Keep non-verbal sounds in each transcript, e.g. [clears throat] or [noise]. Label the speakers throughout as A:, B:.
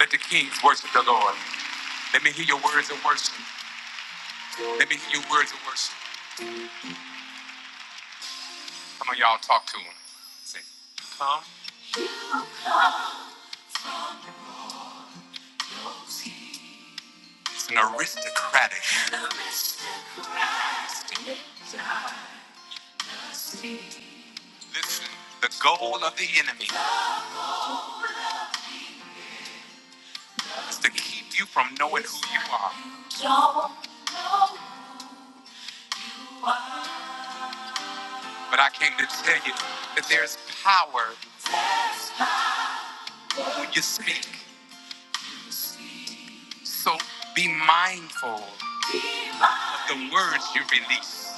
A: Let the kings worship the Lord. Let me hear your words of worship. Let me hear your words of worship. Come on, y'all, talk to him. Say, come. It's an aristocratic. Listen, the goal of the enemy is to keep you from knowing who you are. But I came to tell you that there's power when you speak. So be mindful of the words you release.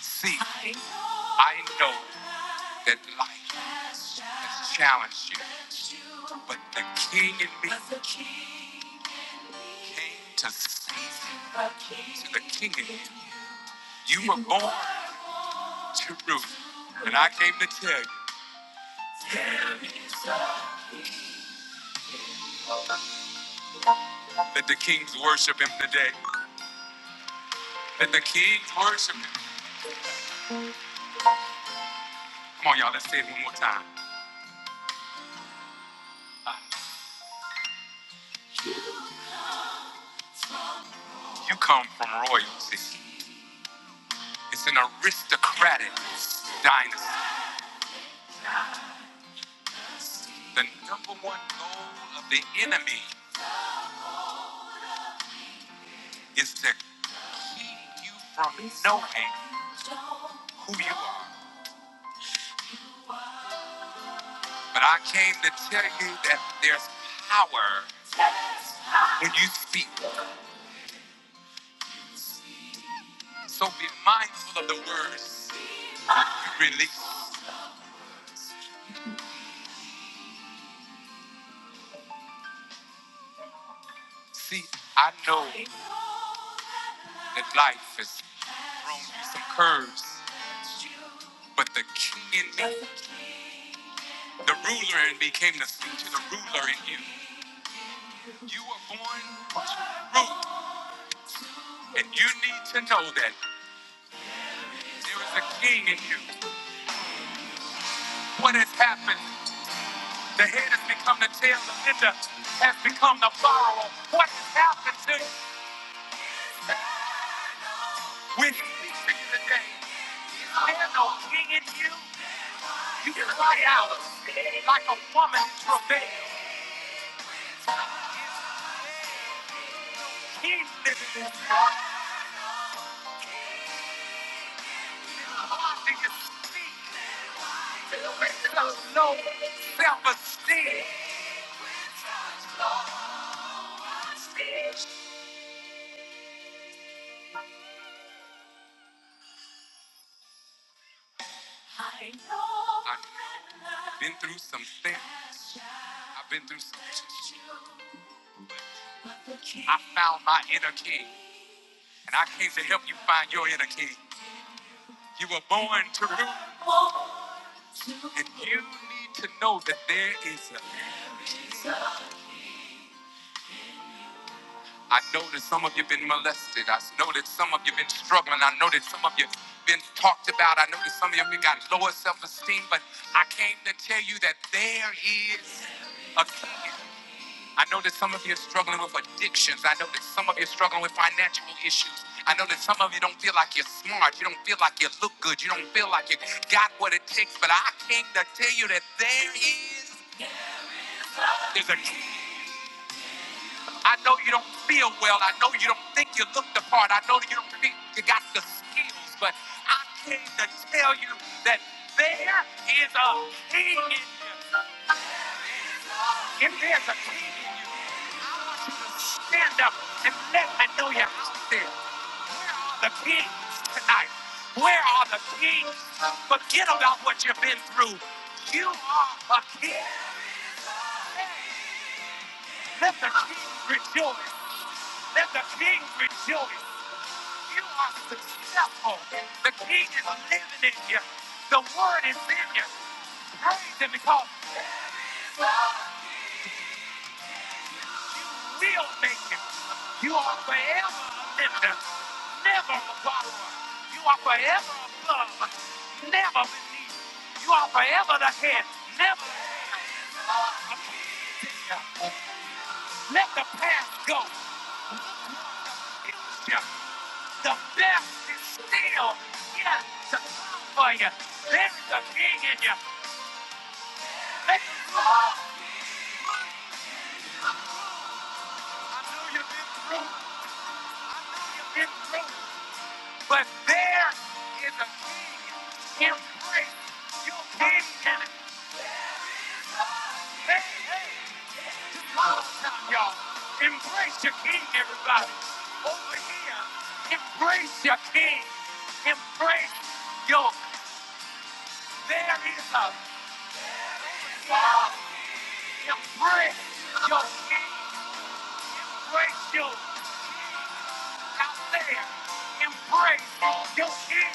A: See, I know that life has challenged you, but the king in me came to save you. To the king in you, you were born to rule. And I came to tell you that the king's worship him today. That the king's worship him. Come on, y'all, let's say it one more time. You come from royalty. It's an aristocratic dynasty. The number one goal of the enemy is to keep you from knowing who you are. But I came to tell you that there's power when you speak. So be mindful of the words you release. See, I know that life has thrown you some curves, but the king in me The ruler in me came to speak to the ruler in you. You were born to rule, and you need to know that there is a king in you. What has happened? The head has become the tail, the lender has become the borrower. What has happened to you? We speak to you today. Is there no king in you? You cry out like a woman in travail. King lives in you. Rising is speak. No self-esteem. I know. I've been through some things. I've been through some. things, I found my inner king, and I came to help you find your inner king. You were born to rule, and you need to know that there is a king. I know that some of you have been molested. I know that some of you have been struggling. I know that some of you have been talked about. I know that some of you have got lower self esteem, but I came to tell you that there is a king. I know that some of you are struggling with addictions. I know that some of you are struggling with financial issues. I know that some of you don't feel like you're smart. You don't feel like you look good. You don't feel like you got what it takes. But I came to tell you that there is there's a king. I know you don't feel well. I know you don't think you look the part. I know you don't think you got the skills, but I came to tell you that there is a king in you. If there's a king in you, stand up and let me know you're out there. The kings tonight. Where are the kings? Forget about what you've been through. You are a king. Let the king rejoice. Let the king rejoice. You He is living in you. The word is in you. That's because we'll make making. You are forever a lender, never a borrower. You are forever above, never beneath. You are forever the head, never the tail. Let the past go. It's you. The best is still yet to come for you. There is a king in you. Let it go. I know you've been through. I know you've been through. But there is a king in grace. You king can get it. hey, hey, y'all. Embrace your king, everybody. Over here, embrace your king. Embrace your there is a king. Embrace your king. Embrace you out there. Embrace your king.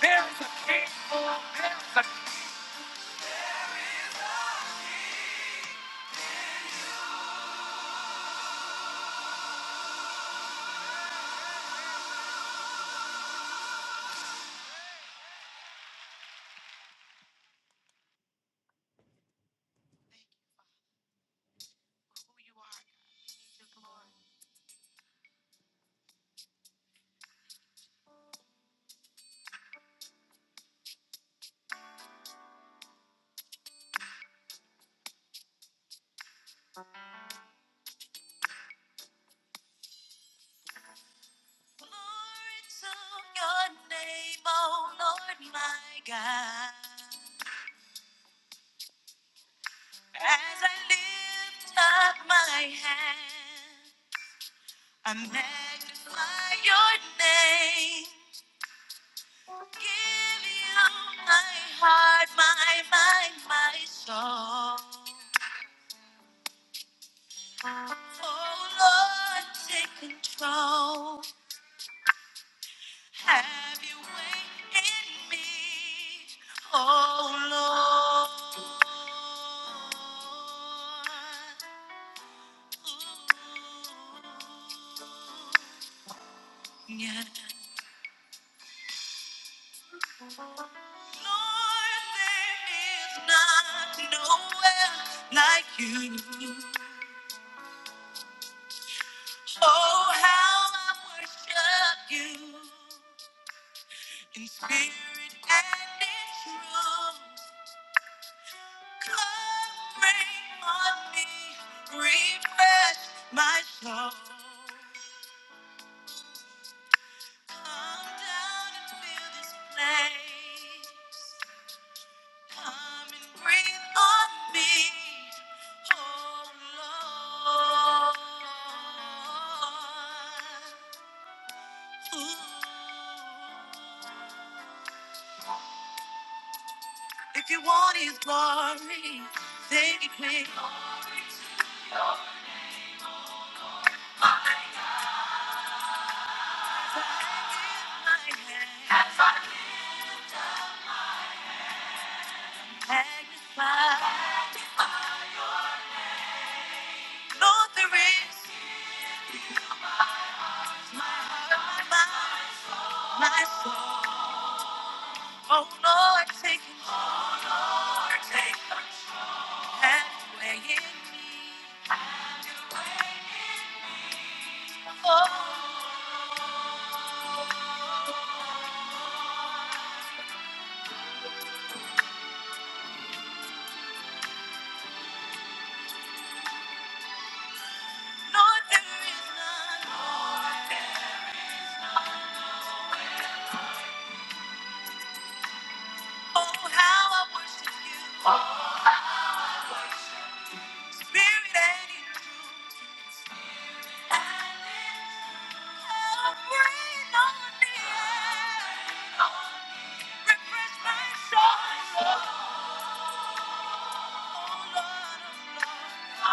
A: There is a king. There is a Glory to your name, O Lord my God. As I lift up my hand, I magnify your name. Give you my heart, my mind, my soul. Oh Lord, take control. Have your way in me, oh Lord. Ooh. Yeah. Lord, there is not nowhere like you. Oh, how I worship you in spirit and in truth. Come rain on me, refresh my soul. Come down and fill this place. Come and breathe on me, oh Lord. Ooh. If you want His glory, take it with all my hand. Magnify. Lord, there is none like my soul. Oh Lord, take it, Lord, take it. Have your way in me. Have your way in me. Oh. Lord, there is none. Lord, there- is none. Oh, how I worship you. Worship. Spirit and in truth. And in truth. Oh, breathe on me. Refresh my soul, oh Lord. If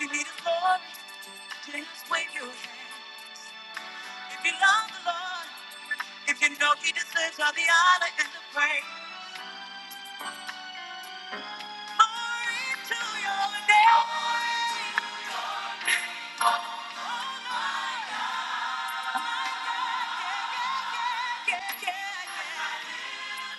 A: you need a Lord, just wave your hand. If you love the Lord, if you know He deserves all the honor and the praise. Glory to your name. Oh, my God. Yeah, yeah, yeah, yeah, yeah.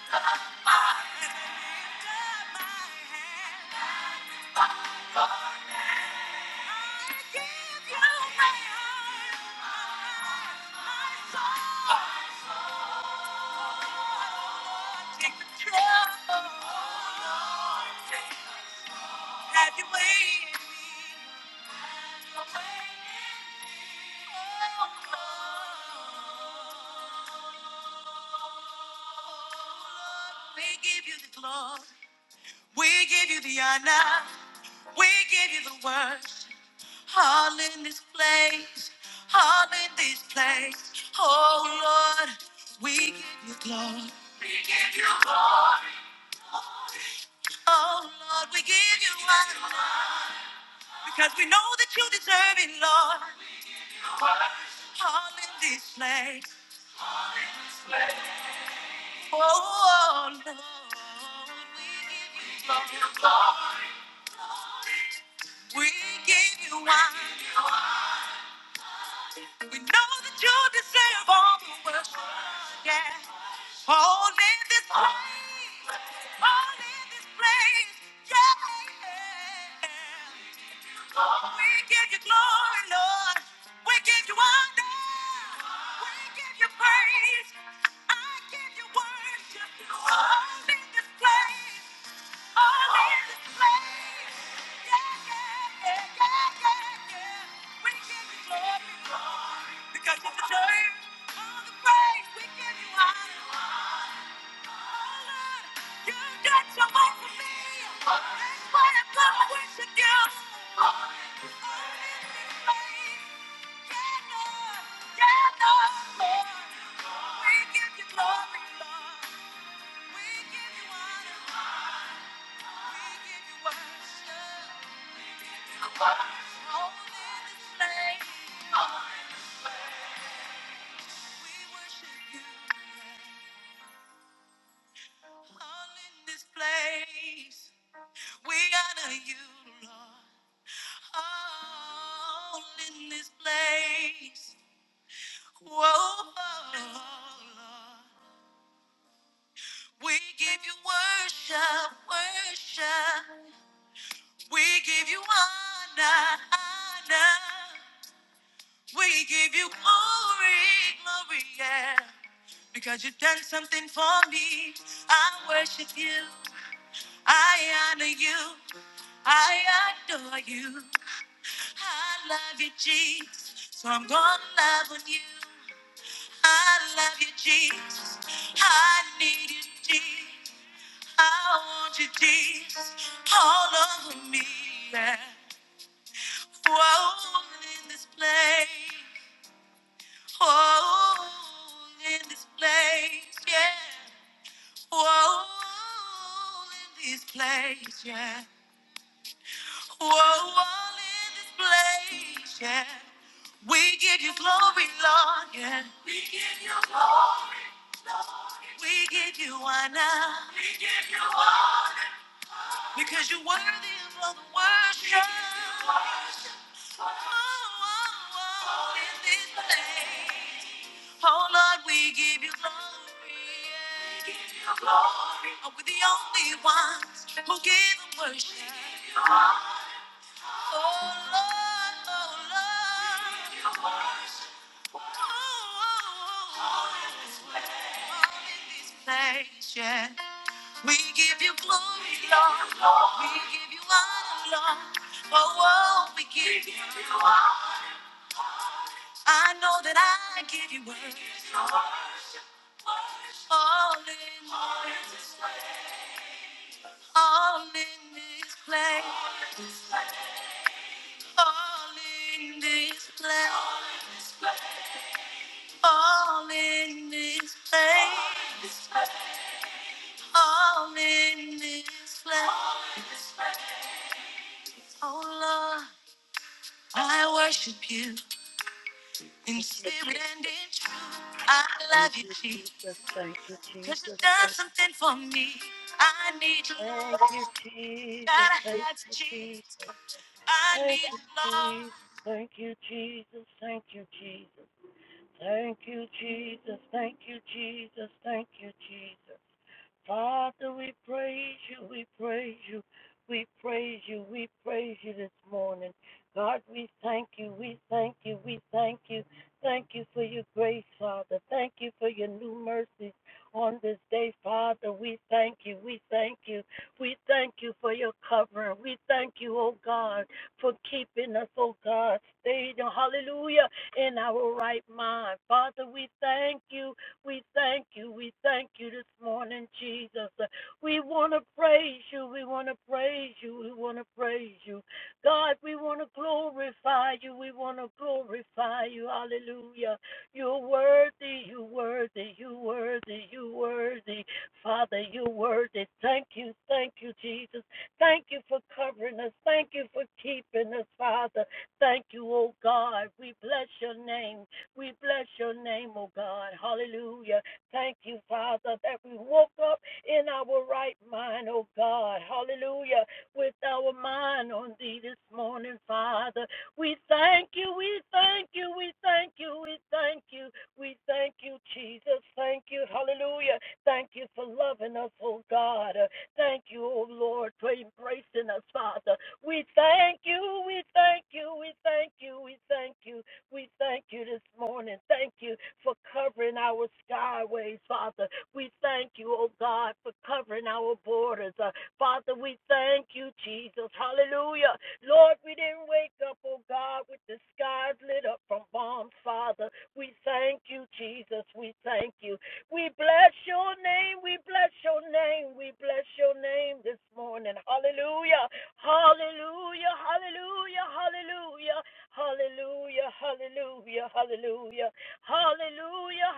A: We give you the glory. We give you the honor. We give you the worst. All in this place. All in this place. Oh Lord, we give you glory. Oh Lord, we give you honor. Because we know that you deserve it, Lord. All in this place. Oh Lord, we give you glory. We give you honor. We know that you deserve all the worship. Yeah. All in this place. All in this place. Yeah. We give you glory, Lord. We give you honor. We give you praise. I give you worship. All in this place. Because you deserve all the praise we give you, honor. You got so much for me. what I'm you do. Yeah, Lord. Yeah, We give you glory, Lord. We give you honor. Whoa, Lord. We give you worship, worship. We give you honor, honor. We give you glory, glory, yeah. Because you've done something for me. I worship you. I honor you. I adore you. I love you, Jesus. So I'm gonna love on you. I love you, Jesus. I need you, Jesus. I want you, Jesus. All over me, yeah. Whoa, in this place. Whoa, in this place, yeah. Whoa, in this place, yeah. Whoa, all in this place, yeah. We give you glory, Lord, yeah. We give you glory. We give you honor. We give you honor. Because you're worthy of all the worship. Oh Lord, we give you glory. We give you glory. Oh, we're the only ones who give and worship. We give you glory. Oh Lord, oh Lord. We give you glory. Oh, oh, oh. All in this place, yeah. We give you glory, Lord. We give you honor, Lord. Oh, oh, we give you. I know that I give you worth. All in, all in this place. All in this place. All in this place. All in this place. Oh Lord, I worship you in
B: you,
A: spirit and in truth. I
B: Thank
A: love you,
B: you,
A: Jesus,
B: Jesus. Thank you,
A: because you've
B: Jesus.
A: done
B: Thank you.
A: something for me. I need you,
B: Thank
A: Lord.
B: you, Jesus.
A: Gotta have you,
B: Thank you,
A: Jesus.
B: Jesus.
A: I need
B: Thank you,
A: you, Lord.
B: Jesus. Thank you, Jesus. Thank you, Jesus. Thank you, Jesus. Thank you, Jesus. Thank you, Jesus. Father, we praise you. We praise you. We praise you. We praise you this morning. God, we thank you. We thank you. We thank you. Thank you for your grace, Father. Thank you for your new mercies on this day, Father. We thank you. We thank you. We thank you for your covering. We thank you, oh God, for keeping us, oh God. Stayed, hallelujah in our right mind. Father, we thank you. We thank you. We thank you this morning, Jesus. We want to praise you. We want to praise you. We want to praise you. God, we want to glorify you. We want to glorify you. Hallelujah. You're worthy. You're worthy. You're worthy. You're worthy. Father, you're worthy. Thank you. Thank you, Jesus. Thank you for covering us. Thank you for keeping us, Father. Thank you, oh God. We bless your name. We bless your name, oh God. Hallelujah. Thank you, Father, that we woke up in our right mind, oh God. Hallelujah. With our mind on thee this morning, Father. We thank you. We thank you. We thank you. We thank you. We thank you, Jesus. Thank you. Hallelujah. Thank you for loving us, oh God. Thank you, O Lord, for embracing us, Father. We thank you, we thank you, we thank you, we thank you, we thank you this morning. Thank you for covering our skyways, Father. We thank you, O God, for covering our borders. Uh, Father, we thank you, Jesus. Hallelujah. Lord, we didn't wake up, O God, with the skies lit up from bombs, Father. We thank you, Jesus. We thank you. We bless your name. We bless your name. We bless your name this morning. Hallelujah. Hallelujah. Hallelujah. Hallelujah. Hallelujah. Hallelujah. Hallelujah. Hallelujah. Hallelujah.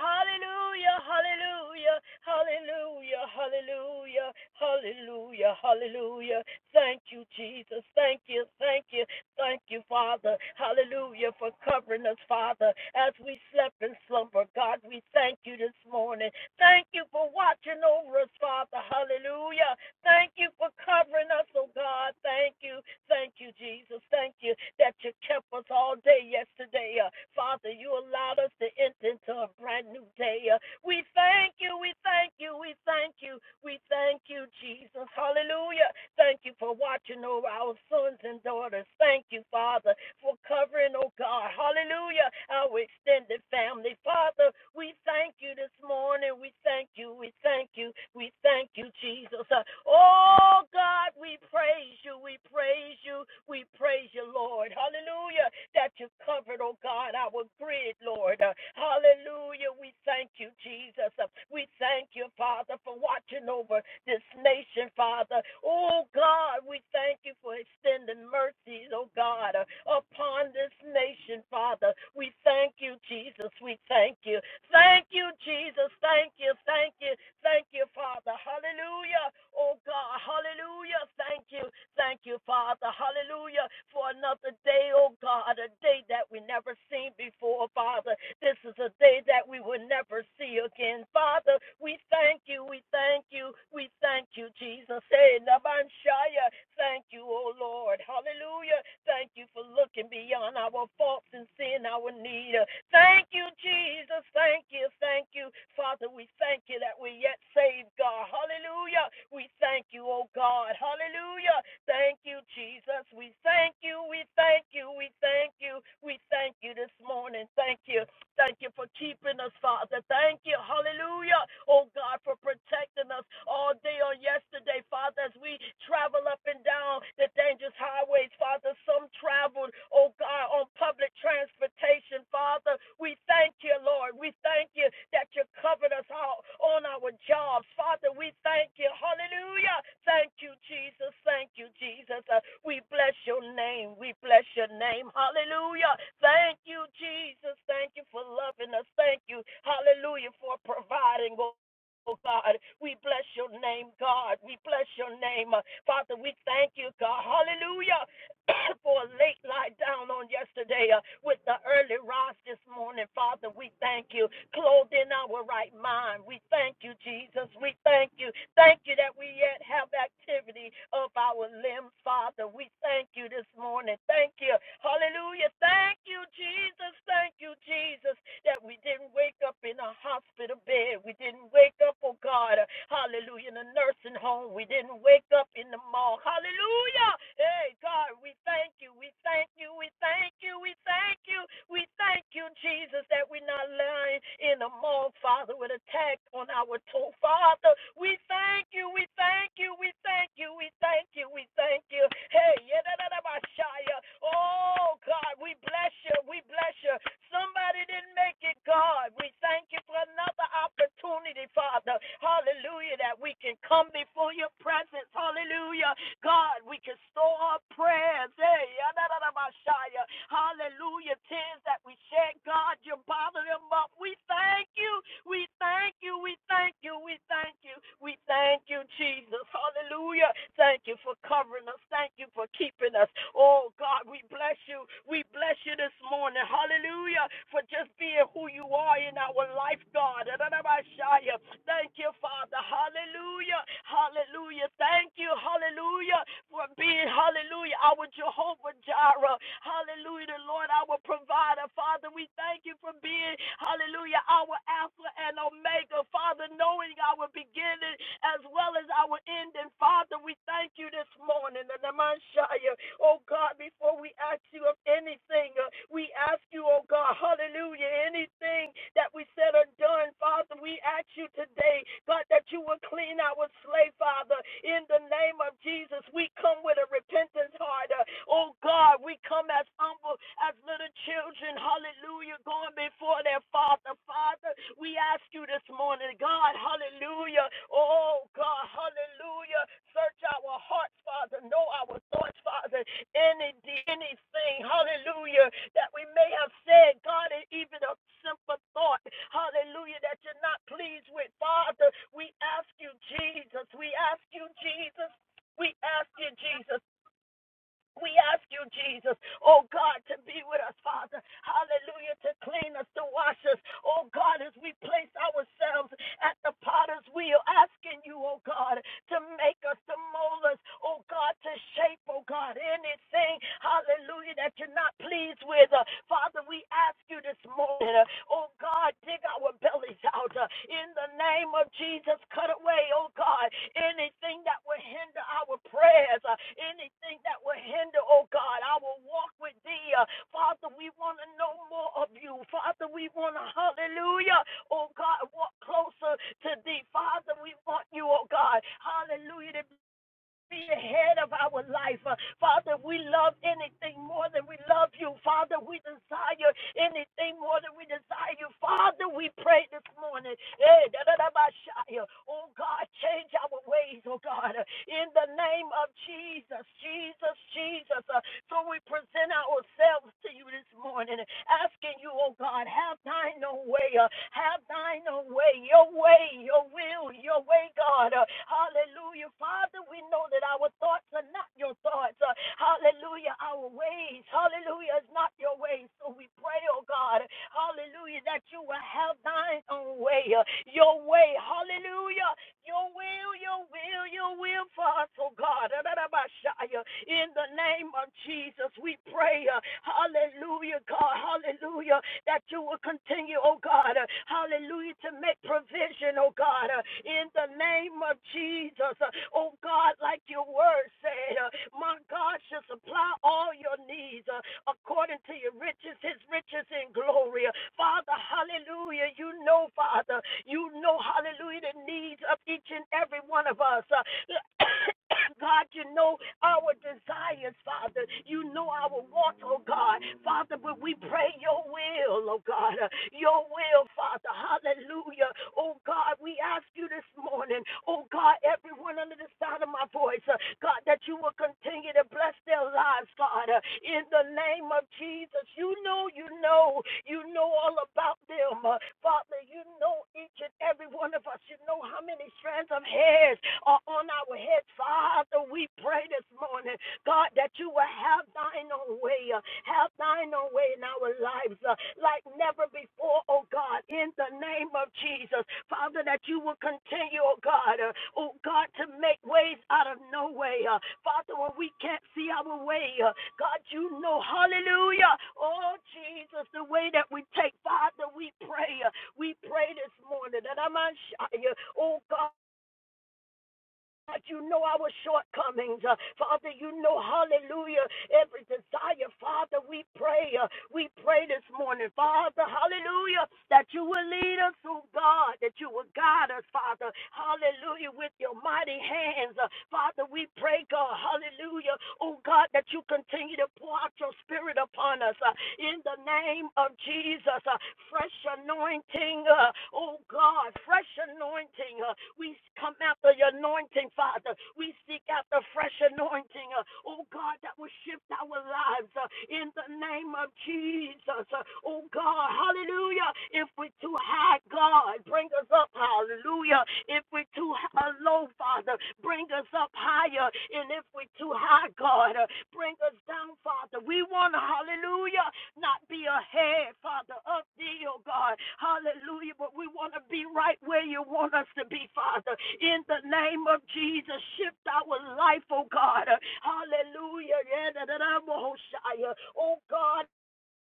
B: Hallelujah. Hallelujah. Hallelujah. Hallelujah. Hallelujah. Thank you, Jesus. Thank you. Thank you. Thank you, Father. Hallelujah for covering us, Father, as we slept in slumber. God, we thank you this morning. Thank you for watching over us, Father. Hallelujah. Thank you for covering us, oh God. Thank you. Thank you, Jesus. Thank you that you kept us all day yesterday. Uh, Father, you allowed us to enter into a brand new day. Uh, we thank you. We thank you. We thank you. We thank you, Jesus. Hallelujah. Thank you for watching over our sons and daughters. Thank you, Father, for covering, oh God. Hallelujah. Our extended family. Father, Father, We thank you this morning. We thank you. We thank you. We thank you, Jesus. Uh, Oh, God, we praise you. We praise you. We praise you, Lord. Hallelujah. That you covered, oh God, our grid, Lord. Uh, Hallelujah. We thank you, Jesus. Uh, We thank you, Father, for watching over this nation, Father. Oh, God, we thank you for extending mercies, oh oh God, uh, upon this nation, Father. We thank you, Jesus. We thank you. Thank you, Jesus. Thank you. Thank you. Thank you, Father. Hallelujah. Oh God. Hallelujah. Thank you. Thank you, Father. Hallelujah. For another day, oh God, a day that we never seen before, Father. This is a day that we will never see again. Father, we thank you. We thank you. We thank you, Jesus. Hey, Nabanshaya. Thank you, O Lord. Hallelujah. Thank you for looking beyond our faults and seeing our need. Thank you, Jesus. Thank you. Thank you. Father, we thank you that we're yet saved, God. Hallelujah. We thank you, O God. Hallelujah. Thank you, Jesus. We thank you. We thank you. We thank you. We thank you this morning. Thank you. Thank you for keeping us, Father. Thank you, hallelujah, oh God, for protecting us all day on yesterday, Father, as we travel up and down the dangerous highways, Father. Some traveled, oh God, on public transportation, Father. We thank you, Lord. We thank you you that you covered us all on our jobs. Father, we thank you. Hallelujah. Thank you, Jesus. Thank you, Jesus. Uh, we bless your name. We bless your name. Hallelujah. Thank you, Jesus. Thank you for loving us. Thank you. Hallelujah for providing. Oh oh God, we bless your name, God. We bless your name. Uh, Father, we thank you, God. Hallelujah. [coughs] [clears throat] for a late lie down on yesterday uh, with the early rise this morning. Father, we thank you. Clothed in our right mind, we thank you, Jesus. We thank you. Thank you that we yet have activity of our limbs, Father. We thank you this morning. Thank you. Hallelujah. Thank you, Jesus. Thank you, Jesus, that we didn't wake up in a hospital bed. We didn't wake up, oh God. uh, Hallelujah. In a nursing home. We didn't wake up woke up in the morning. Hallelujah. Hey, God, we thank you. We thank you. We thank you. We thank you. We thank you, Jesus, that we're not lying in the morning, Father, with attack on our toe. Father, we thank you. We thank you. We thank you. We thank you. We thank you. Hey, yeah, oh, God, we bless you. We bless you. Somebody didn't make it, God. We thank you for another opportunity, Father. Hallelujah. That we can come before your presence. Hallelujah. God, we can store our prayers. Hey, hallelujah. Tears that we shed, God, you bother them up. We thank you. We thank you. We thank you. We thank you. We thank you, Jesus. Hallelujah. Thank you for covering us. Thank you for keeping us. Oh, God, we bless you. We bless you this morning. Hallelujah. For just being who you are in our life, God. ra ra ra ba Thank you, Father. Hallelujah. Hallelujah. Thank you. Hallelujah. For being, hallelujah, our Jehovah Jireh. Hallelujah, the Lord, our provider. Father, we thank you for being, hallelujah, our Alpha and Omega. Father, knowing our beginning as well as our ending. Father, we thank you this morning. And the Messiah. Oh God, before we ask you of anything, uh, we ask you, oh God, hallelujah, anything that we said or done, Father, we ask you today, God, that you will clean our slate, Father, in the name of Jesus. We come with a repentance heart. uh, Oh God, we come as humble as little children, hallelujah, going before their Father. Father, we ask you this morning, God, hallelujah, oh God, hallelujah, search our hearts, Father, know our thoughts, Father, any anything, hallelujah, that we may have said, God, and even a simple thought, hallelujah, that you're not pleased with. Father, we ask you, Jesus, we ask you, Jesus. We ask you, Jesus. We ask you, Jesus, oh God, to be with us, Father. Hallelujah, to clean us, to wash us. Oh God, as we place ourselves at the potter's wheel, asking you, oh God, to make us, to mold us, oh God, to shape, oh God, anything, hallelujah, that you're not pleased with. Uh, Father, we ask you this morning, uh, oh God, dig our bellies out. uh, in the name of Jesus, cut away, oh God, anything anything that would hinder our prayers, uh, anything that would hinder, oh God, our walk with thee. Uh, Father, we want to know more of you. Father, we want to, hallelujah, oh God, walk closer to thee. Father, we want you, oh God, hallelujah, to be the head of our life. Uh, Father, we love anything more than we love you. Father, we desire anything more than we desire you. Father, we pray this morning. eh, da, da, da, ba, sha, ya. Oh God, change our ways, oh God. Uh, In the name of Jesus, Jesus, Jesus. Uh, so we present ourselves to you this morning, asking you, oh God, have thine own way, uh, have thine own way, your way, your will, your way, God. Uh, hallelujah. Father, we know that our thoughts are not your thoughts. Uh, hallelujah. Our ways, hallelujah, is not your ways. So we pray, oh God, hallelujah, that you will have thine own way, uh, your way, hallelujah. Your will, your will, your will for us, oh God. Adadabashaya. In the name of Jesus, we pray. uh, Hallelujah, God. Hallelujah. That you will continue, oh God. uh, Hallelujah, to make provision, oh God. uh, In the name of Jesus, Uh, oh God, like your word said, uh, my God shall supply all your needs disease uh, according to your riches, his riches in glory. Father, hallelujah. You know, Father, you know, hallelujah, the needs of each and every one of us. Uh, [coughs] God, you know our desires, Father. You know our wants, oh God. Father, but we pray your will, oh God. Uh, Your will, Father. Hallelujah. Oh God, we ask you this morning, oh God, everyone under the sound of my voice, uh, God, that you will continue to bless their lives, God, uh, in the name of Jesus. You know, you know, you know all about them. uh, Father, you know each and every one of us. You know how many strands of hairs are on our heads. Father, we pray this morning God, that you will have thine own way, uh, have thine own way in our lives uh, like never before, oh God, in the name of Jesus. Father, that you will continue, oh God, uh, oh God, to make ways out of no way. Uh, Father, when we can't see our way, uh, God, you know, hallelujah. Oh Jesus, the way that we take, Father, we pray. uh, we pray this morning that I might, oh God, God, you know our shortcomings. Uh, Father, you know, hallelujah, every desire. Father, we pray. uh, we pray this morning, Father, hallelujah, that you will lead us, oh God, that you will guide us, Father, hallelujah, with your mighty hands. Uh, Father, we pray, God. God. Hallelujah. Oh God, that you continue to pour out your spirit upon us uh, in the name of Jesus. uh, fresh anointing. Uh, oh God, fresh anointing. Uh, we come after your anointing, Father. We seek after fresh anointing. Uh, oh God, that will shift our lives uh, in the name of Jesus. Uh, oh God, hallelujah. If we're too high, God, bring us us up, hallelujah. If we're too low, Father, bring us up higher. And if we're too high, God, uh, bring us down, Father. We want to, hallelujah, not be ahead, Father, of thee, oh God. Hallelujah. But we want to be right where you want us to be, Father. In the name of Jesus, shift our life, oh God. Hallelujah. Yeah, Oh God,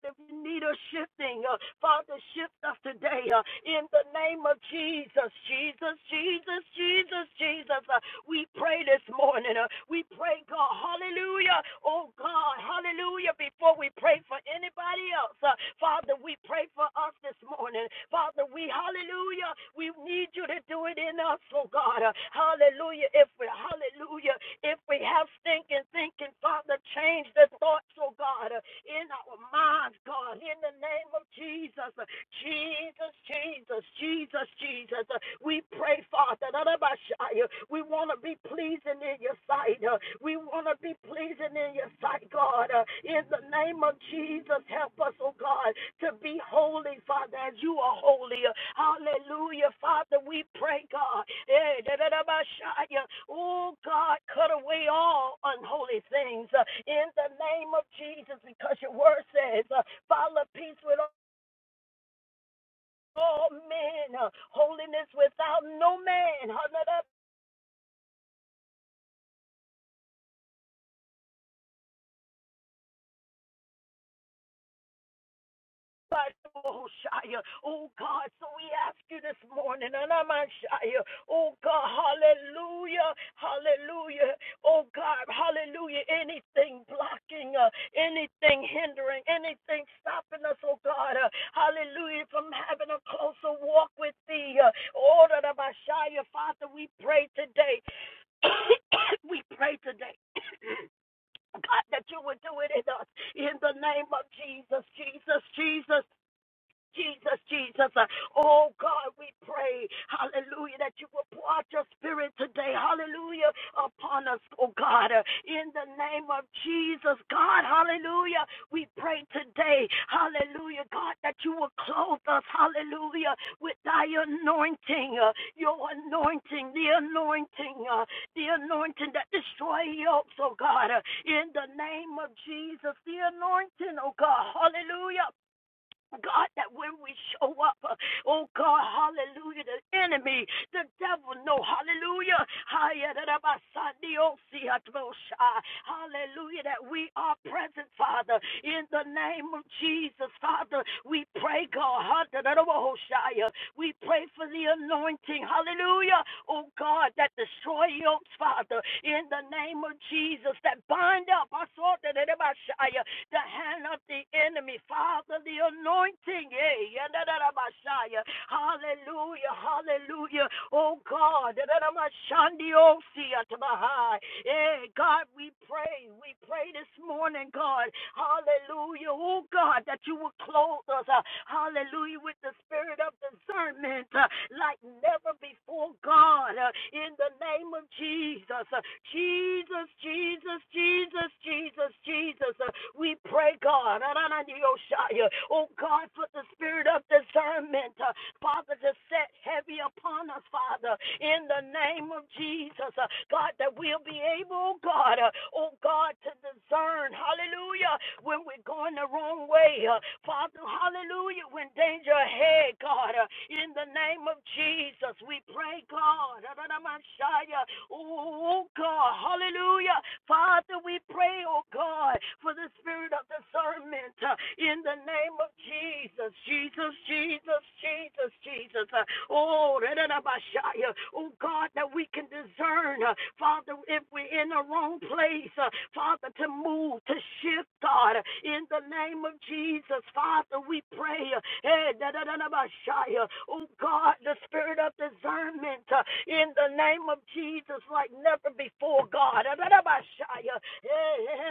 B: if you need a shifting, uh, Father, shift us today uh, in the name of Jesus. Jesus, Jesus, Jesus, Jesus. Uh, we pray this morning. Uh, we pray, God. Hallelujah. Oh, God. Hallelujah. Before we pray for anybody else, uh, Father, we pray for us this morning. Father, we, hallelujah. We need you to do it in us, oh God. Uh, Hallelujah. If we hallelujah, if we have stinking thinking, Father, change the thoughts, oh God, uh, in our minds, God, in the name of Jesus. Uh, Jesus, Jesus, Jesus, Jesus. Uh, We pray, Father, we want to be pleasing in your sight. Uh, We want to be pleasing in your sight, God. Uh, in the name of Jesus, help us, oh God, to be holy, Father, as you are holy. Uh, Hallelujah, Father, we pray, God. Eh, da, da, da, ba, sha, ya. Oh, God, cut away all unholy things uh, in the name of Jesus, because your word says, uh, follow peace with all all men, uh, holiness without no man. oh, Shia, oh God, so we ask you this morning, and I'm oh God, hallelujah, hallelujah, oh God, hallelujah, anything blocking, uh, anything hindering, anything stopping us, oh God, uh, hallelujah, from having a closer walk with thee, uh, order of our Father, we pray today, [coughs] we pray today. [coughs] God, that you would do it in us. In the name of Jesus, Jesus, Jesus, Jesus, Jesus. Uh, Oh God, we pray, hallelujah, that you will pour out your spirit today, hallelujah, upon us, oh God, Uh, in the name of Jesus, God, hallelujah. We pray today, hallelujah, God, that you will clothe us, hallelujah, with thy anointing, uh, your anointing, the anointing, uh, the anointing that destroys yokes, oh God, Uh, in the name of Jesus, the anointing, oh God, hallelujah God, that when we show up, uh, oh God, hallelujah, the enemy, the devil, no, hallelujah, hallelujah, that we are present, Father, in the name of Jesus, Father, we pray, God, we pray for the anointing, hallelujah, oh God, that destroy yokes, Father, in the name of Jesus, that bind up, the hand of the enemy. Father, the anointing. eh, yadadadabashaya. Hallelujah. Hallelujah. Oh God. dadadamashandiosi Hey, God, we pray. We pray this morning, God. Hallelujah. Oh God, that you will clothe us. uh, Hallelujah. With the spirit of discernment uh, like never before, God. uh, In the name of Jesus. Uh, Jesus, Jesus, Jesus, Jesus, Jesus, Jesus. We pray, God, oh God, for the spirit of discernment, uh, Father, to set heavy upon us, Father, in the name of Jesus, uh, God, that we'll be able, oh, God, uh, oh God, to discern, hallelujah, when we're going the wrong way, uh, Father, hallelujah, when danger ahead, God, uh, in the name of Jesus, we pray, God, oh oh, oh, God, hallelujah, Father, we pray, oh God. Lord, for the spirit of discernment uh, in the name of Jesus. Jesus, Jesus, Jesus, Jesus. Uh, Oh, da da oh God, that we can discern, uh, Father, if we're in the wrong place, uh, Father, to move, to shift, God, in the name of Jesus. Father, we pray, uh, eh, oh God, the spirit of discernment uh, in the name of Jesus like never before, God. da da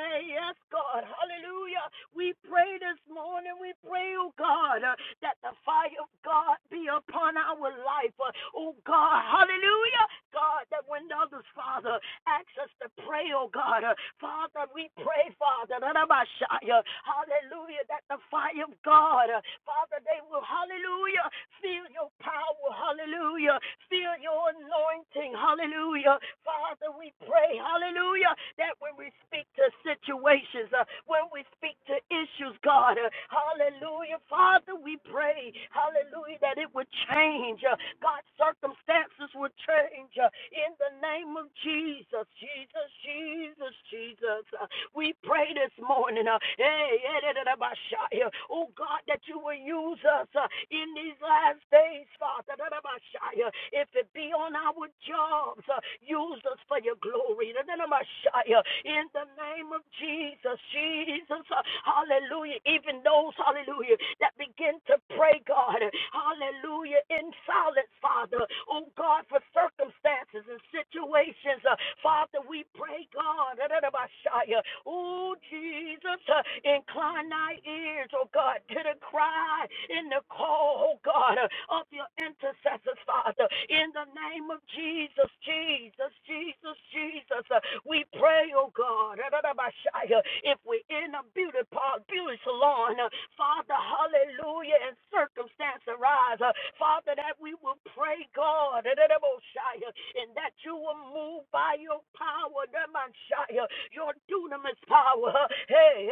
B: Hey, Yes, God. Hallelujah. We pray this morning. We pray, oh God, uh, that the fire of God be upon our life. Uh, Oh God. Hallelujah. God, that when others, Father, ask us to pray, oh God, uh, Father, we pray, Father, that about hallelujah, that the fire of God, uh, Father, they will, hallelujah, feel your power, hallelujah, feel your anointing, hallelujah. Father, we pray, hallelujah, that when we speak, speak to situations, uh, when we speak to issues, God. Uh, hallelujah. Father, we pray, hallelujah, that it would change. Uh, God, circumstances would change uh, in the name of Jesus. Jesus, Jesus, Jesus. Uh, we pray this morning, uh, hey, hey, da, da, da, ba, sha, yeah. oh God, that you will use us uh, in these last days, Father. da, da, ba, sha, yeah. If it be on our jobs, uh, use us for your glory. da, da, da, ba, sha, yeah in the name of Jesus, Jesus, uh, hallelujah. Even those, hallelujah, that begin to pray, God, hallelujah, in silence, Father, oh God, for circumstances and situations, uh, Father, we pray, God, oh Jesus, uh, incline thy ears, oh God, to the cry in the call, oh God, uh, of your intercessors, Father, in the name of Jesus, Jesus, Jesus, Jesus, uh, we pray pray, oh God, if we're in a beauty park, beauty salon, uh, Father, hallelujah, and circumstance arise, uh, Father, that we will pray, God, and that you will move by your power, your dunamis power, uh, hey,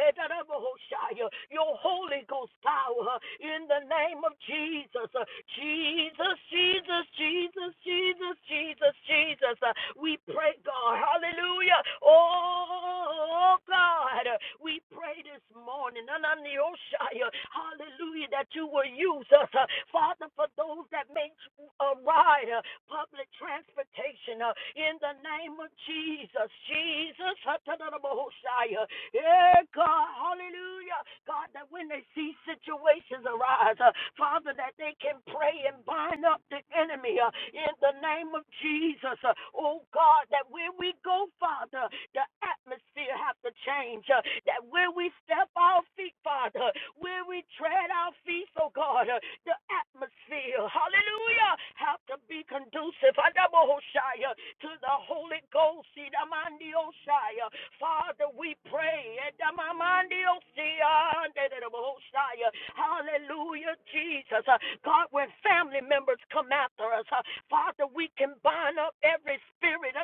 B: your Holy Ghost power, uh, in the name of Jesus, uh, Jesus, Jesus, Jesus, Jesus, Jesus, Jesus, uh, we pray, God, hallelujah. Hallelujah. Oh, God, we pray this morning. Ananioshaya. Hallelujah, that you will use us. uh, Father, for those that may uh, ride uh, public transportation uh, in the name of Jesus. Jesus. Hatananamohoshaya. Yeah, God. Hallelujah. God, that when they see situations arise, uh, Father, that they can pray and bind up the enemy uh, in the name of Jesus. Uh, oh, God, that when we go go, Father, the atmosphere have to change. uh, That where we step our feet, Father, where we tread our feet, oh God, uh, the atmosphere, hallelujah, have to be conducive Adabahoshaya, to the Holy Ghost. Idamandiosaya. Father, we pray. Idamamandiosaya, Andadabahoshaya. Hallelujah, Jesus. Uh, God, when family members come after us, uh, Father, we can bind up every spirit.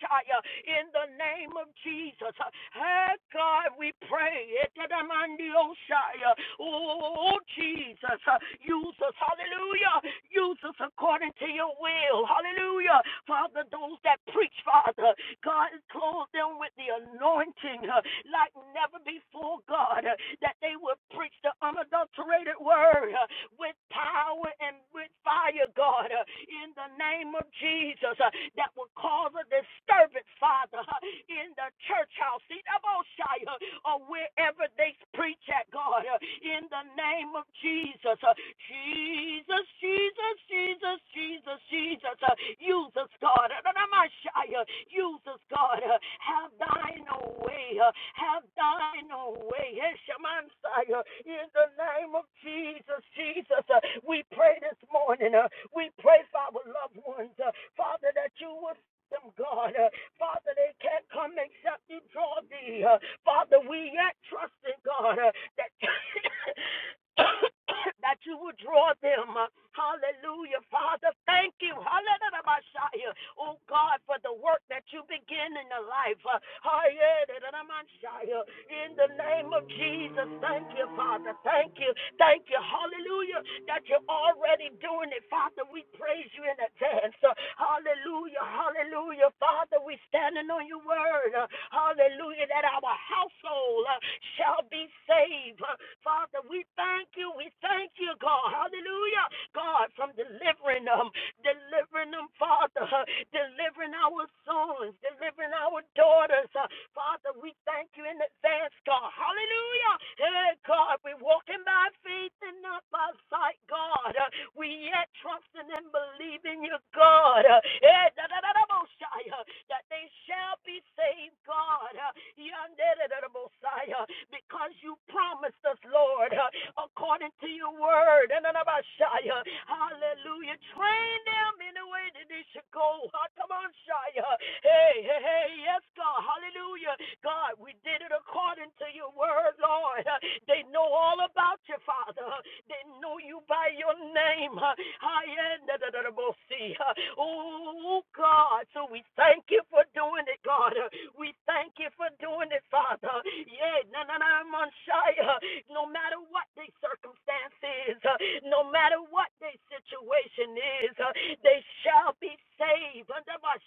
B: Shaya, in the name of Jesus. Hey, God, we pray. Etadamandio Shaya. Oh, Jesus, use us. Hallelujah. Use us according to your will. Hallelujah. Father, those that preach, Father, God, clothe them with the anointing uh, like never before, God, uh, that they will preach the unadulterated word uh, with power and with fire, God, uh, in the name of Jesus, uh, that will cause cause a disturbance, Father, in the church house, in the Most or wherever they preach at, God, in the name of Jesus. Jesus, Jesus, Jesus, Jesus, Jesus, use us, God. Use us, God. Have thine own way. Have thine own way. Heshamansai, In the name of Jesus, Jesus, we pray this morning. We pray for our loved ones, Father, that you will them, God. Uh, Father, they can't come except you draw thee. Uh, Father, we yet trust in God uh, that. [coughs] that you would draw them. Uh, Hallelujah. Father, thank you. Hallelujah. Messiah. Oh God, for the work that you begin in the life. Uh, Hallelujah, Messiah. In the name of Jesus, thank you, Father. Thank you. Thank you. Hallelujah. That you're already doing it, Father. We praise you in advance. Uh, Hallelujah, hallelujah. Father, we standing on your word. Uh, Hallelujah, that our household uh, shall be saved. Uh, Father, we thank you. We thank you, God. Hallelujah. God, from delivering them, delivering them, Father, uh, delivering our sons, delivering our daughters. Uh, Father, we thank you in advance, God. Hallelujah. Hey, God, we're walking by faith and not by sight, God. Uh, We yet trusting and believing believe in your God. uh, eh, uh, That they shall be saved, God. uh, uh, Because you promised us, Lord, uh, according to your word. uh, Hallelujah. Train them in the way that they should go. uh, Come on, Shia. Hey, hey, hey. Yes, God. Hallelujah. God, we did it according to your word, Lord. Uh, They know all about you, Father. They know you by your name high end da Oh, God. So we thank you for doing it, God. We thank you for doing it, Father. Yeah, na na na man No matter what their circumstance is, huh? no matter what their situation is, huh? they shall be saved. Under my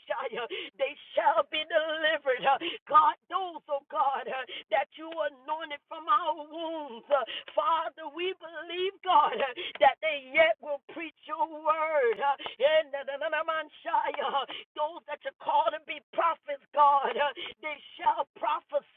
B: They shall be delivered. huh? God, those, oh God, huh, that you anointed from our wounds. huh? Father, we believe, God, huh, that that they yet will preach your word. Uh, in the- the- the- the uh, Those that you call to be prophets, God, uh, they shall prophesy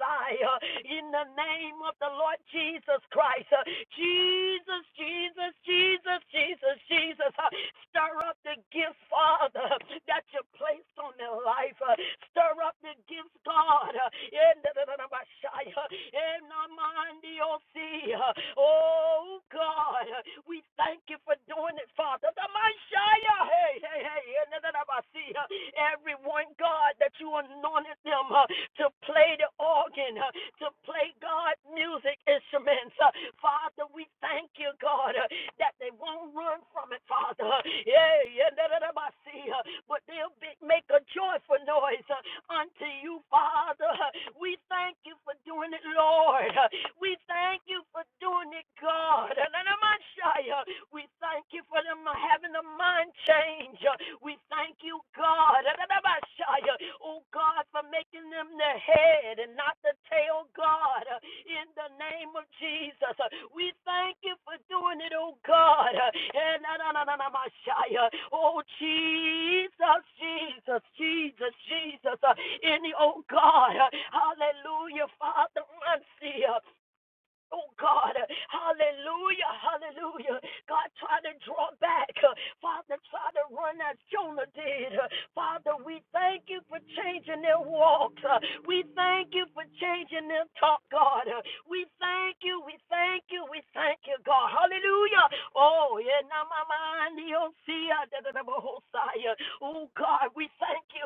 B: uh, in the name of the Lord Jesus Christ. Uh, Jesus, Jesus, Jesus, Jesus, Jesus. uh, Stir up the gifts, Father, that you placed on their life. uh, Stir up the gifts, God. uh, In the in the Messiah, in the Mandio sea. Oh, you, God. We thank you for doing it, Father. The Messiah. Hey, hey, hey. and then I see, uh, Everyone, God, that you anointed them uh, to play the organ, uh, to play God music instruments. Uh, Father, we thank you, God, uh, that they won't run from it, Father. Uh, Yeah, yeah, da, da, da, ba, see, uh, but they'll be, make a joyful noise uh, unto you, Father. Uh, We thank you for doing it, Lord. Uh, We thank you for for doing it, God. We thank you for them having a mind change. uh, We thank you, God. Oh, God, for making them the head and not the tail, God. uh, In the name of Jesus, uh, we thank you for doing it, oh, God. Oh, Jesus, Jesus, Jesus, Jesus. uh, In the, oh, God. uh, Hallelujah, Father. mercy. uh, Oh God, hallelujah, hallelujah. God trying to draw back. Father, try to run as Jonah did. Father, we thank you for changing their walk. We thank you for changing their talk, God. We thank you, we thank you, we thank you, God. Hallelujah. Oh, yeah, now my mind, you'll see. uh, da, Oh God, we thank you.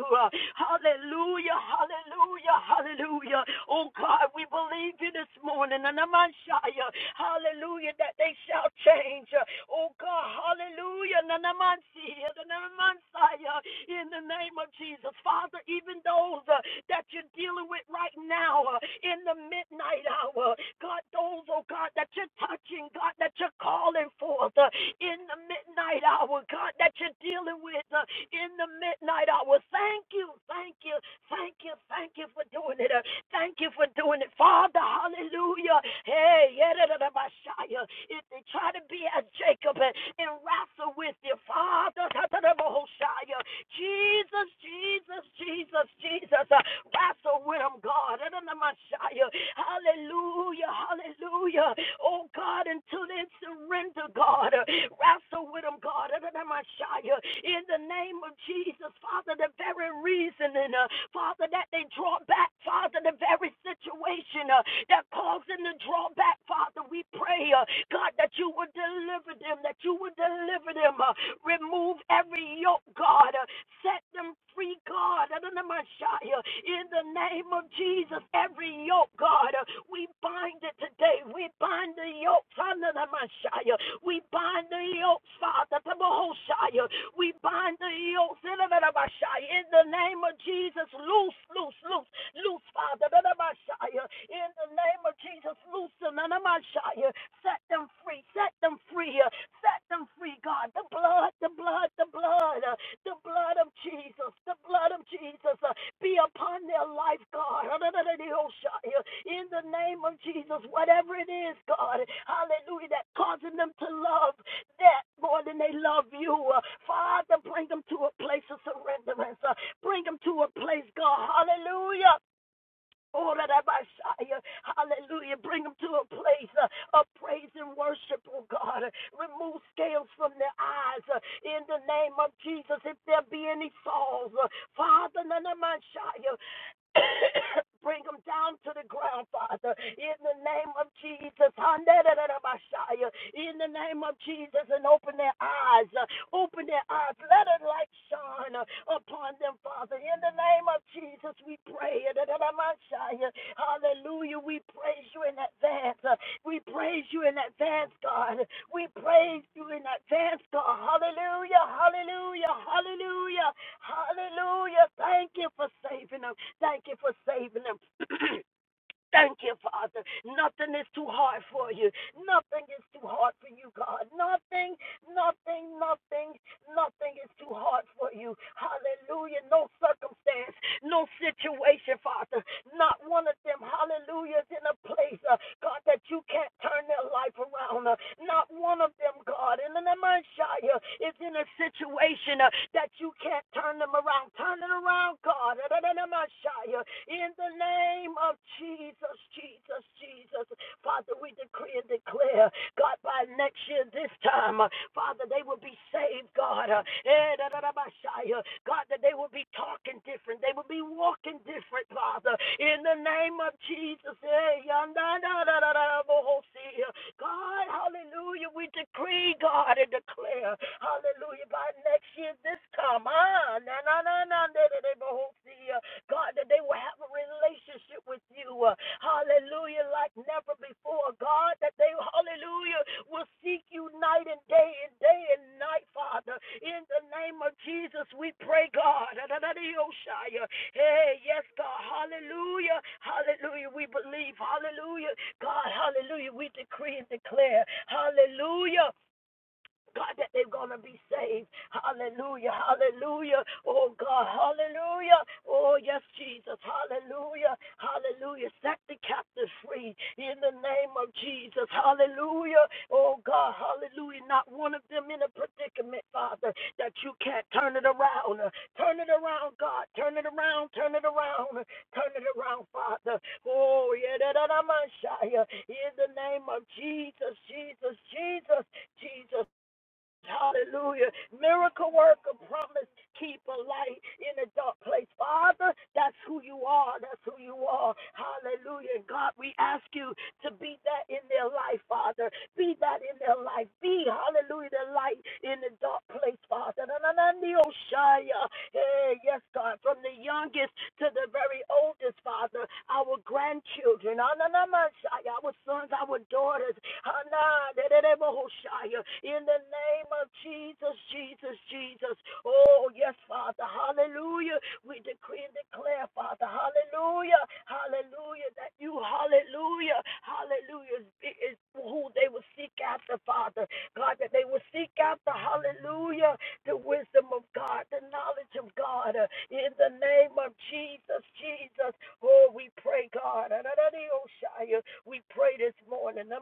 B: Hallelujah, hallelujah, hallelujah. Oh God, we believe believe you this morning, and I'm Shia, hallelujah, that they shall change. Oh God, hallelujah, and I'm Shia, and I'm Shia, in the name of Jesus. Father, even those uh, that you're dealing with right now uh, in the midnight hour, God, those, oh God, that you're touching, God, that you're calling forth uh, in the midnight hour, God, that you're dealing with uh, in the midnight hour. Thank you, thank you, thank you, thank you for doing it. Uh, Thank you for doing it, Father. Hallelujah. Hey, yedadadabashaya. if they try to be as Jacob and, and wrestle with you, Father, tadadabahoshaya. Jesus, Jesus, Jesus, Jesus, uh, wrestle with them, God. Dadadamashaya. Hallelujah, hallelujah. Oh, God, until they surrender, God, uh, wrestle with them, God. In the name of Jesus, Father, the very reason, and, uh, Father, that they draw back, Father, the very situation uh, that caused them to draw back, Father, we pray, uh, God, that you would deliver them, that you would deliver them, uh, remove every yoke, God, uh, set them free, God, in the name of Jesus, every yoke, God. God. We bind it today. We bind the yoke, Father, the Messiah. We bind the yoke, Father, the Messiah. We bind the yoke, Father, the Messiah. In the name of Jesus, loose, loose, loose, loose, Father, the Messiah. In the name of Jesus, loosen, the Messiah. Set them free, set them free, uh, set them free, God. The blood, the blood, the blood, uh, the blood of Jesus, the blood of Jesus be upon their life, God. [laughs] In the name of Jesus, whatever it is, God, hallelujah, that causing them to love that more than they love you. Father, bring them to a place of surrenderance. Uh, Bring them to a place, God, hallelujah. Oh, uh, Hallelujah. Bring them to a place uh, of praise and worship, oh God. Remove scales from their eyes uh, in the name of Jesus. If there be any souls, uh, Father, [coughs] Bring them down to the ground, Father, in the name of Jesus. Handelelebashaya. In the name of Jesus, and open their eyes. uh, Open their eyes. Let a light shine uh, upon them, Father. In the name of Jesus, we pray. Edelemashaya. Hallelujah. We praise you in advance. uh, We praise you in advance, God. We praise you in advance, God. Hallelujah. Hallelujah. Hallelujah. Hallelujah. Thank you for saving them. Thank you for saving them. [clears throat] Thank you, Father. Nothing is too hard for you. Nothing is too hard for you, God. Nothing Nothing, nothing, nothing is too hard for you. Hallelujah. No circumstance, no situation, Father. Not one of them, hallelujah, is in a place, uh, God, that you can't turn their life around. Uh, not one of them, God, in the name of Shia, is in a situation uh, that you can't turn them around. Turn it around, God. In the name of in the name of Jesus, Jesus, Jesus. Father, we decree and declare, God, by next year, this time, uh, Father, they will be saved, God. Uh, eh, uh, God, that they will be talking different. They will be walking different, Father. In the name of Jesus. eh, si, uh, God, hallelujah. We decree, God, and declare, hallelujah, by next year, this time. Ah, na, na, na, na, si, uh, God, that they will have a relationship with you. uh, Hallelujah, like never before. God, that they, hallelujah, will seek you night and day and day and night, Father. In the name of Jesus, we pray, God. oshaya Hey, yes, God. Hallelujah. Hallelujah. We believe. Hallelujah. God, hallelujah. We decree and declare. Hallelujah. God, that they're going to be saved. Hallelujah. Hallelujah. Oh, God. Hallelujah. Oh, yes, Jesus. Hallelujah. Hallelujah. Set the captive free in the name of Jesus. Hallelujah. Oh, God. Hallelujah. Not one of them in a predicament, Father, that you can't turn it around. Turn it around, God. Turn it around. Turn it around. Turn it around, Father. Oh, yeah. da, da, da, Messiah. In the name of Jesus. Jesus. Jesus. Jesus. Jesus. Hallelujah. Miracle worker, promise keeper, light in a dark place. Father, that's who you are. That's who you are. Hallelujah. God, we ask you to be that in their life, Father. Be that in their life. Be, hallelujah, the light in the dark place, Father. Na, na, na, ni, oh, Hey, yes, God. From the youngest to the very oldest oldest, Father, our grandchildren, our sons, our daughters, in the name of Jesus, Jesus, Jesus. Oh, yes, Father, hallelujah. We decree and declare, Father, hallelujah, hallelujah, that you, hallelujah, hallelujah, is who they will seek after, Father. God, that they will seek after, hallelujah the wisdom of God, the knowledge of God. uh, In the name of Jesus, Jesus, oh, we pray, God. We pray this morning. In the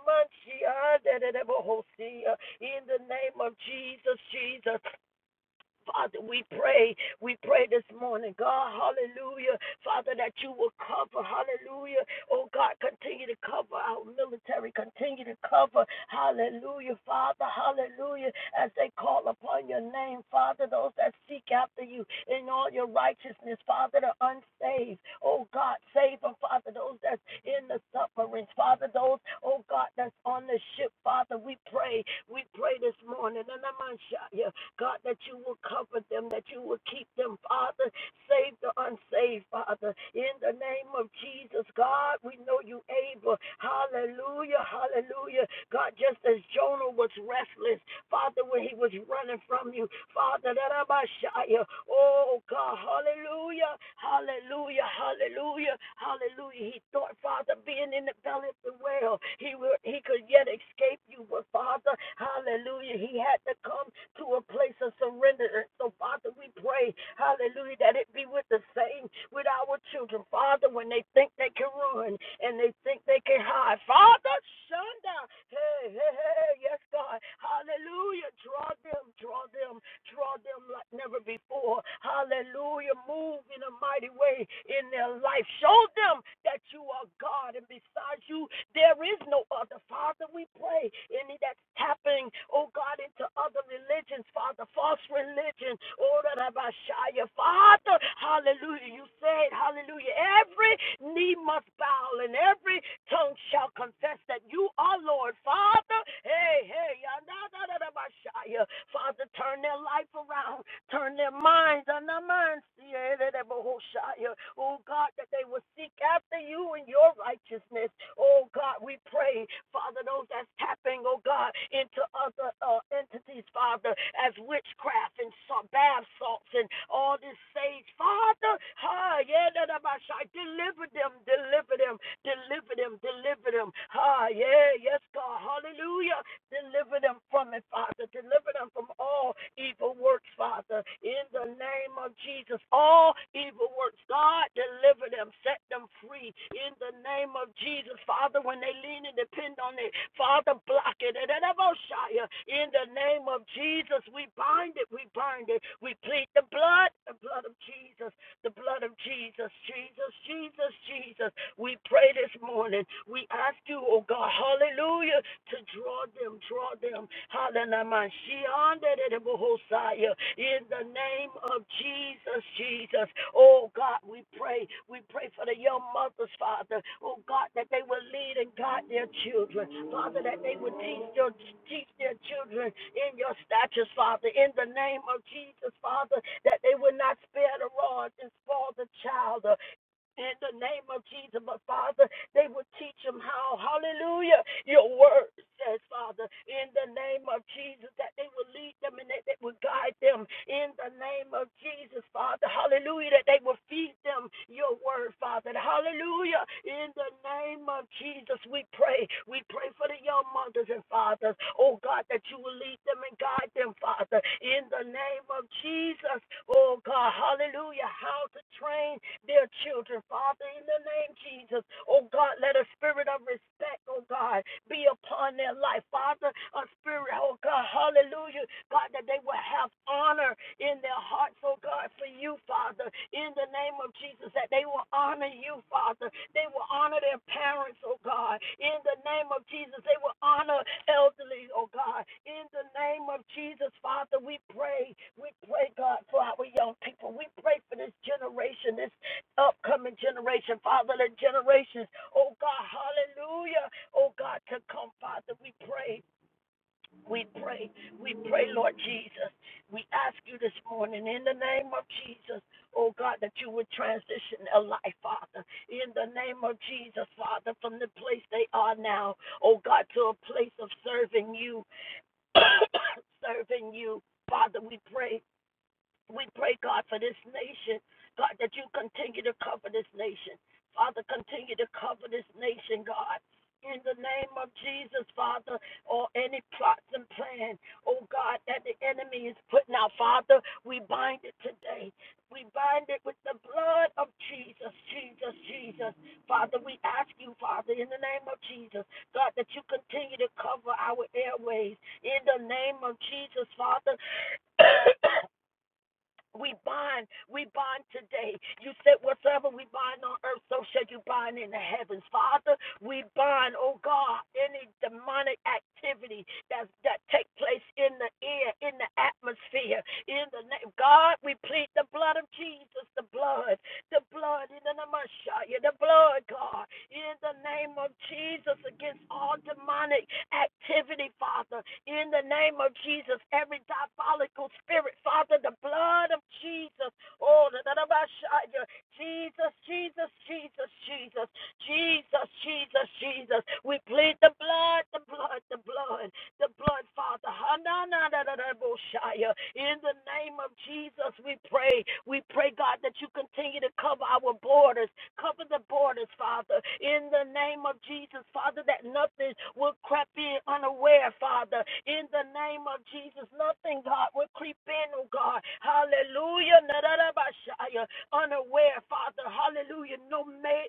B: name of Jesus, Jesus, Father, we pray, we pray this morning, God, hallelujah. Father, that you will cover, hallelujah. Oh God, continue to cover our military, continue to cover, hallelujah, Father, hallelujah. As they call upon your name, Father, those that seek after you in all your righteousness, Father, the unsaved, oh God, save them, Father, those that's in the sufferings, Father, those, oh God, that's on the ship, Father, we pray, we pray this morning, and I'm on you, God, that you will cover them, that you will keep them, Father. Save the unsaved, Father. In the name of Jesus, God, we know you able. Hallelujah, hallelujah. God, just as Jonah was restless, Father, when he was running from you, Father, that I might shout you. Oh, God, hallelujah, hallelujah, hallelujah, hallelujah. Hallelujah. He thought, Father, being in the belly of the whale, he would he could yet escape you. But Father, hallelujah, he had to come to a place of surrender. So Father, we pray, hallelujah, that it be with the same with our children. Father, when they think they can run and they think they can hide. Father, Shunda. Hey, hey, hey, hey. yes, God. Hallelujah. Draw them, draw them, draw them like never before before. Hallelujah. Move in a mighty way in their life. Show them that you are God and besides you, there is no other. Father, we pray. Any that's tapping, oh God, into other religions, Father, false religion, oh Rabashaya. Father, hallelujah. You said, hallelujah every knee must bow and every tongue shall confess that you are Lord. Father, hey, hey, ya, da, da, da, Father, turn their life around, turn their minds on their minds. yeah, da, da, ba, Oh God, that they will seek after you and your righteousness. Oh God, we pray, Father, those that's tapping, oh God, into other uh, entities, Father, as witchcraft and bath salts and all this sage, Father. Hi, yeah, deliver them, deliver them, deliver them, deliver them. Ah, yeah, yes, God, hallelujah. Deliver them from it, Father. Deliver them from all evil works, Father. In the name of Jesus, all evil works, God, deliver them, set them free. In the name of Jesus, Father, when they lean and depend on it, Father, block it. oh, In the name of Jesus, we bind it, we bind it. We plead the blood, the blood of Jesus the blood of Jesus, Jesus, Jesus, Jesus. We pray this morning. We ask you, oh God, hallelujah, to draw them, draw them. Hallelujah. In the name of Jesus, Jesus. Oh God, we pray, we pray for the young mothers, Father. Oh God, that they will lead and guide their children. Father, that they will teach their teach their children in your statutes, Father. In the name of Jesus, Father, that they will not spare the rod and spoil the child. uh, In the name of Jesus, but Father, they will teach them how, hallelujah, your word says, Father, in the name of Jesus, that they will lead them and that they will guide them in the name of Jesus, Father, hallelujah, that they will feed them your word, Father, hallelujah, in the name of Jesus, we pray. We pray for the young mothers and fathers, oh God, that you will lead them and guide them, Father, in the name of Jesus, oh God, hallelujah, how to train their children, Father, in in the name Jesus. Oh God, let a spirit of respect, oh God, be upon their life. Father, a spirit, oh God, hallelujah. God, that they will have honor in their hearts, oh God, for you, Father, in the name of Jesus, that they will honor you, Father. They will honor their parents, oh God, in the name of Jesus. They will honor elderly, oh God, in the name of Jesus, Father. We pray, we pray, God, for our young people. We pray for this generation, this upcoming generation, Father, the generations, oh God, hallelujah, oh God, to come, Father, we pray, we pray, we pray, Lord Jesus. We ask you this morning in the name of Jesus, oh God, that you would transition their life, Father, in the name of Jesus, Father, from the place they are now, oh God, to a place of serving you, [coughs] serving you. Father, we pray we pray, God, for this nation. God, that you continue to cover this nation. Father, continue to cover this nation, God. In the name of Jesus, Father, or any plots and plan, oh God, that the enemy is putting out, Father, we bind it today. We bind it with the blood of Jesus, Jesus, Jesus. Father, we ask you, Father, in the name of Jesus, God, that you continue to cover our airways. In the name of Jesus, Father, [coughs] We bind, we bind today. You said whatsoever we bind on earth, so shall you bind in the heavens. Father, we bind, oh God, any demonic activity that that take place in the air, in the atmosphere, in the name, God, we plead the blood of Jesus, the blood, the blood in the name of Shia, the blood, God, in the name of Jesus against all demonic activity, Father, in the name of Jesus, every diabolical spirit, Father, the blood of Jesus. Oh, the name of Shia, Jesus, Jesus, Jesus, Jesus, Jesus, Jesus, Jesus. We plead the blood, the blood, the blood the blood, Father. Hananadadadaboshaya. In the name of Jesus, we pray. We pray, God, that you continue to cover our borders, cover the borders, Father. In the name of Jesus, Father, that nothing will creep in unaware, Father. In the name of Jesus, nothing, God, will creep in, oh God. Hallelujah. Nadadabashaya unaware, Father. Hallelujah. No man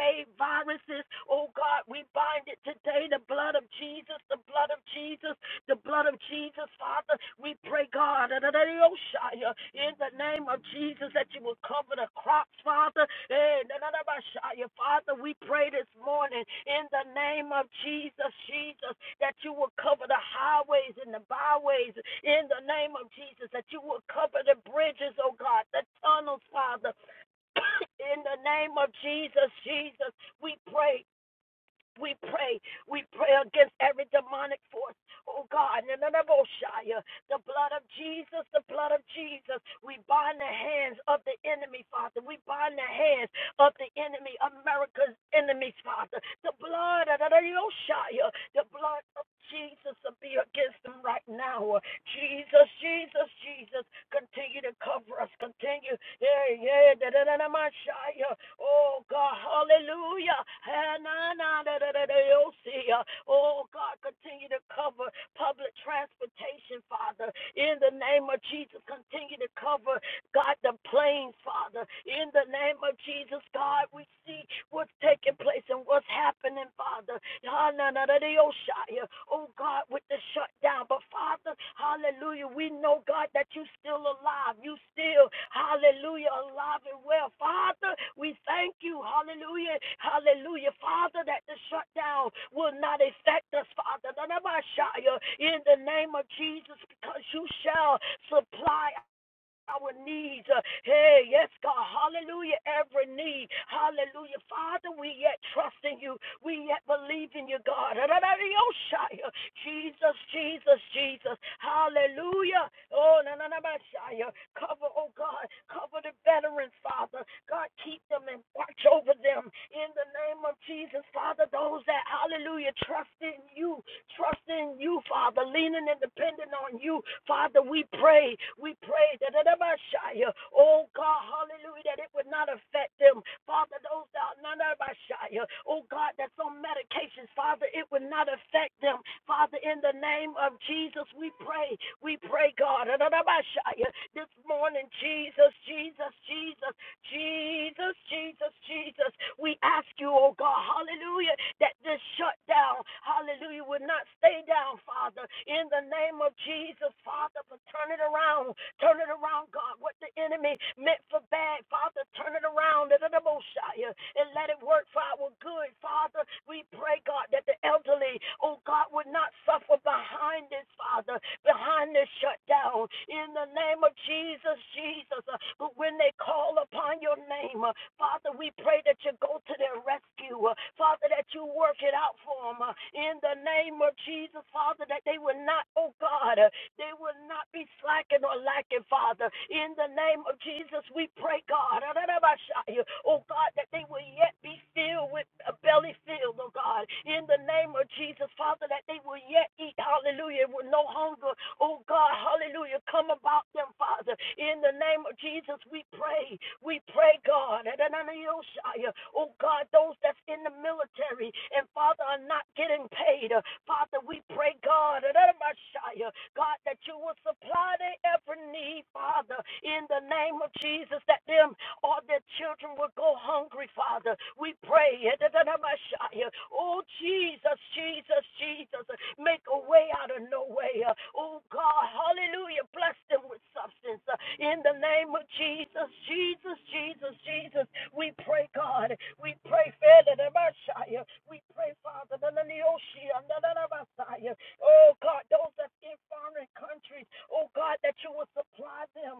B: made viruses. Oh God, we bind it today. The blood of Jesus, the blood of Jesus the blood of Jesus, Father. We pray, God, in the name of Jesus, that you will cover the crops, Father. Eh, na- na- Father, we pray this morning in the name of Jesus, Jesus, that you will cover the highways and the byways in the name of Jesus, that you will cover the bridges, oh God, the tunnels, Father. [coughs] in the name of Jesus, Jesus, we pray we pray. We pray against every demonic force. Oh God, in the name of Oshia, the blood of Jesus, the blood of Jesus. We bind the hands of the enemy, Father. We bind the hands of the enemy, America's enemies, Father. The blood of the Yoshaya, the blood of Jesus will be against them right now. Jesus, Jesus, Jesus, continue to cover us. Continue. Yeah, yeah, da da da da Messiah. Oh God, hallelujah. Ah, na, na, da, da, da, da, yo, see, uh, Oh God, continue to cover public transportation, Father. In the name of Jesus, continue to cover God, the planes, Father, in the name of Jesus, God, we see what's taking place and what's happening, Father. Hananadadioshaya. Oh, God, with the shutdown. But, Father, hallelujah, we know, God, that you are still alive. You still, hallelujah, alive and well. Father, we thank you, hallelujah, hallelujah, Father, that the shutdown will not affect us, Father. Nanabashaya. In the name of Jesus, because you shall supply our needs. Uh, Hey, yes, God. Hallelujah. Every need. Hallelujah. Father, we yet trust in you. We yet believe in you, God. Ra-ra-ra-ra-yo-shia. Jesus, Jesus, Jesus. Hallelujah. Oh, na na na Messiah. Cover, oh God. Cover the veterans, Father. God, keep them and watch over them in the name of Jesus. Father, those that, hallelujah, trust trust in you, trust in you, Father, leaning and depending on you. Father, we pray, we pray that oh God, hallelujah, that it would not affect them. Father, those that are not ever shy, oh God, that's on medications, Father, it would not affect them. Father, in the name of Jesus, we pray, we pray, God, this morning, Jesus, Jesus, Jesus. Jesus, Jesus, Jesus, we ask you, oh God, hallelujah, that this shutdown, hallelujah, would not stay down, Father. In the name of Jesus, Father, but turn it around. Turn it around, God. What the enemy meant for bad, Father, turn it around. And let it work for our good, Father. We pray, God, that the elderly, oh God, would not suffer behind this, Father, behind this shutdown. In the name of Jesus, Jesus. uh, But when they call upon your name, uh, Father, we pray that you go to their rescue. uh, Father, that you work it out for them. Uh, In the name of Jesus, Father, that they will not, oh God, uh, they will not be slacking or lacking, Father. In the name of Jesus, we pray, God. Oh, God, that they will yet be filled with a belly filled, oh, God. In the name of Jesus, Father, that they will yet eat, hallelujah, with no hunger. Oh, God, hallelujah, come about them, Father. In the name of Jesus, we pray. We pray, God. God. Oh God, those that's in the military and Father are not getting paid. Father, we pray, God, God, that you will supply their every need, Father, in the name of Jesus, that them or their children will go hungry, Father. We pray. Oh, Jesus, Jesus, Jesus. Jesus. Make a way out of no way. Uh, Oh God, hallelujah. Bless them with substance. Uh, In the name of Jesus, Jesus, Jesus, Jesus. We pray, God. We pray, Father, the Messiah. We pray, Father, the Neoshia, the Messiah. Oh God, those that's in foreign countries, oh God, that you will supply them.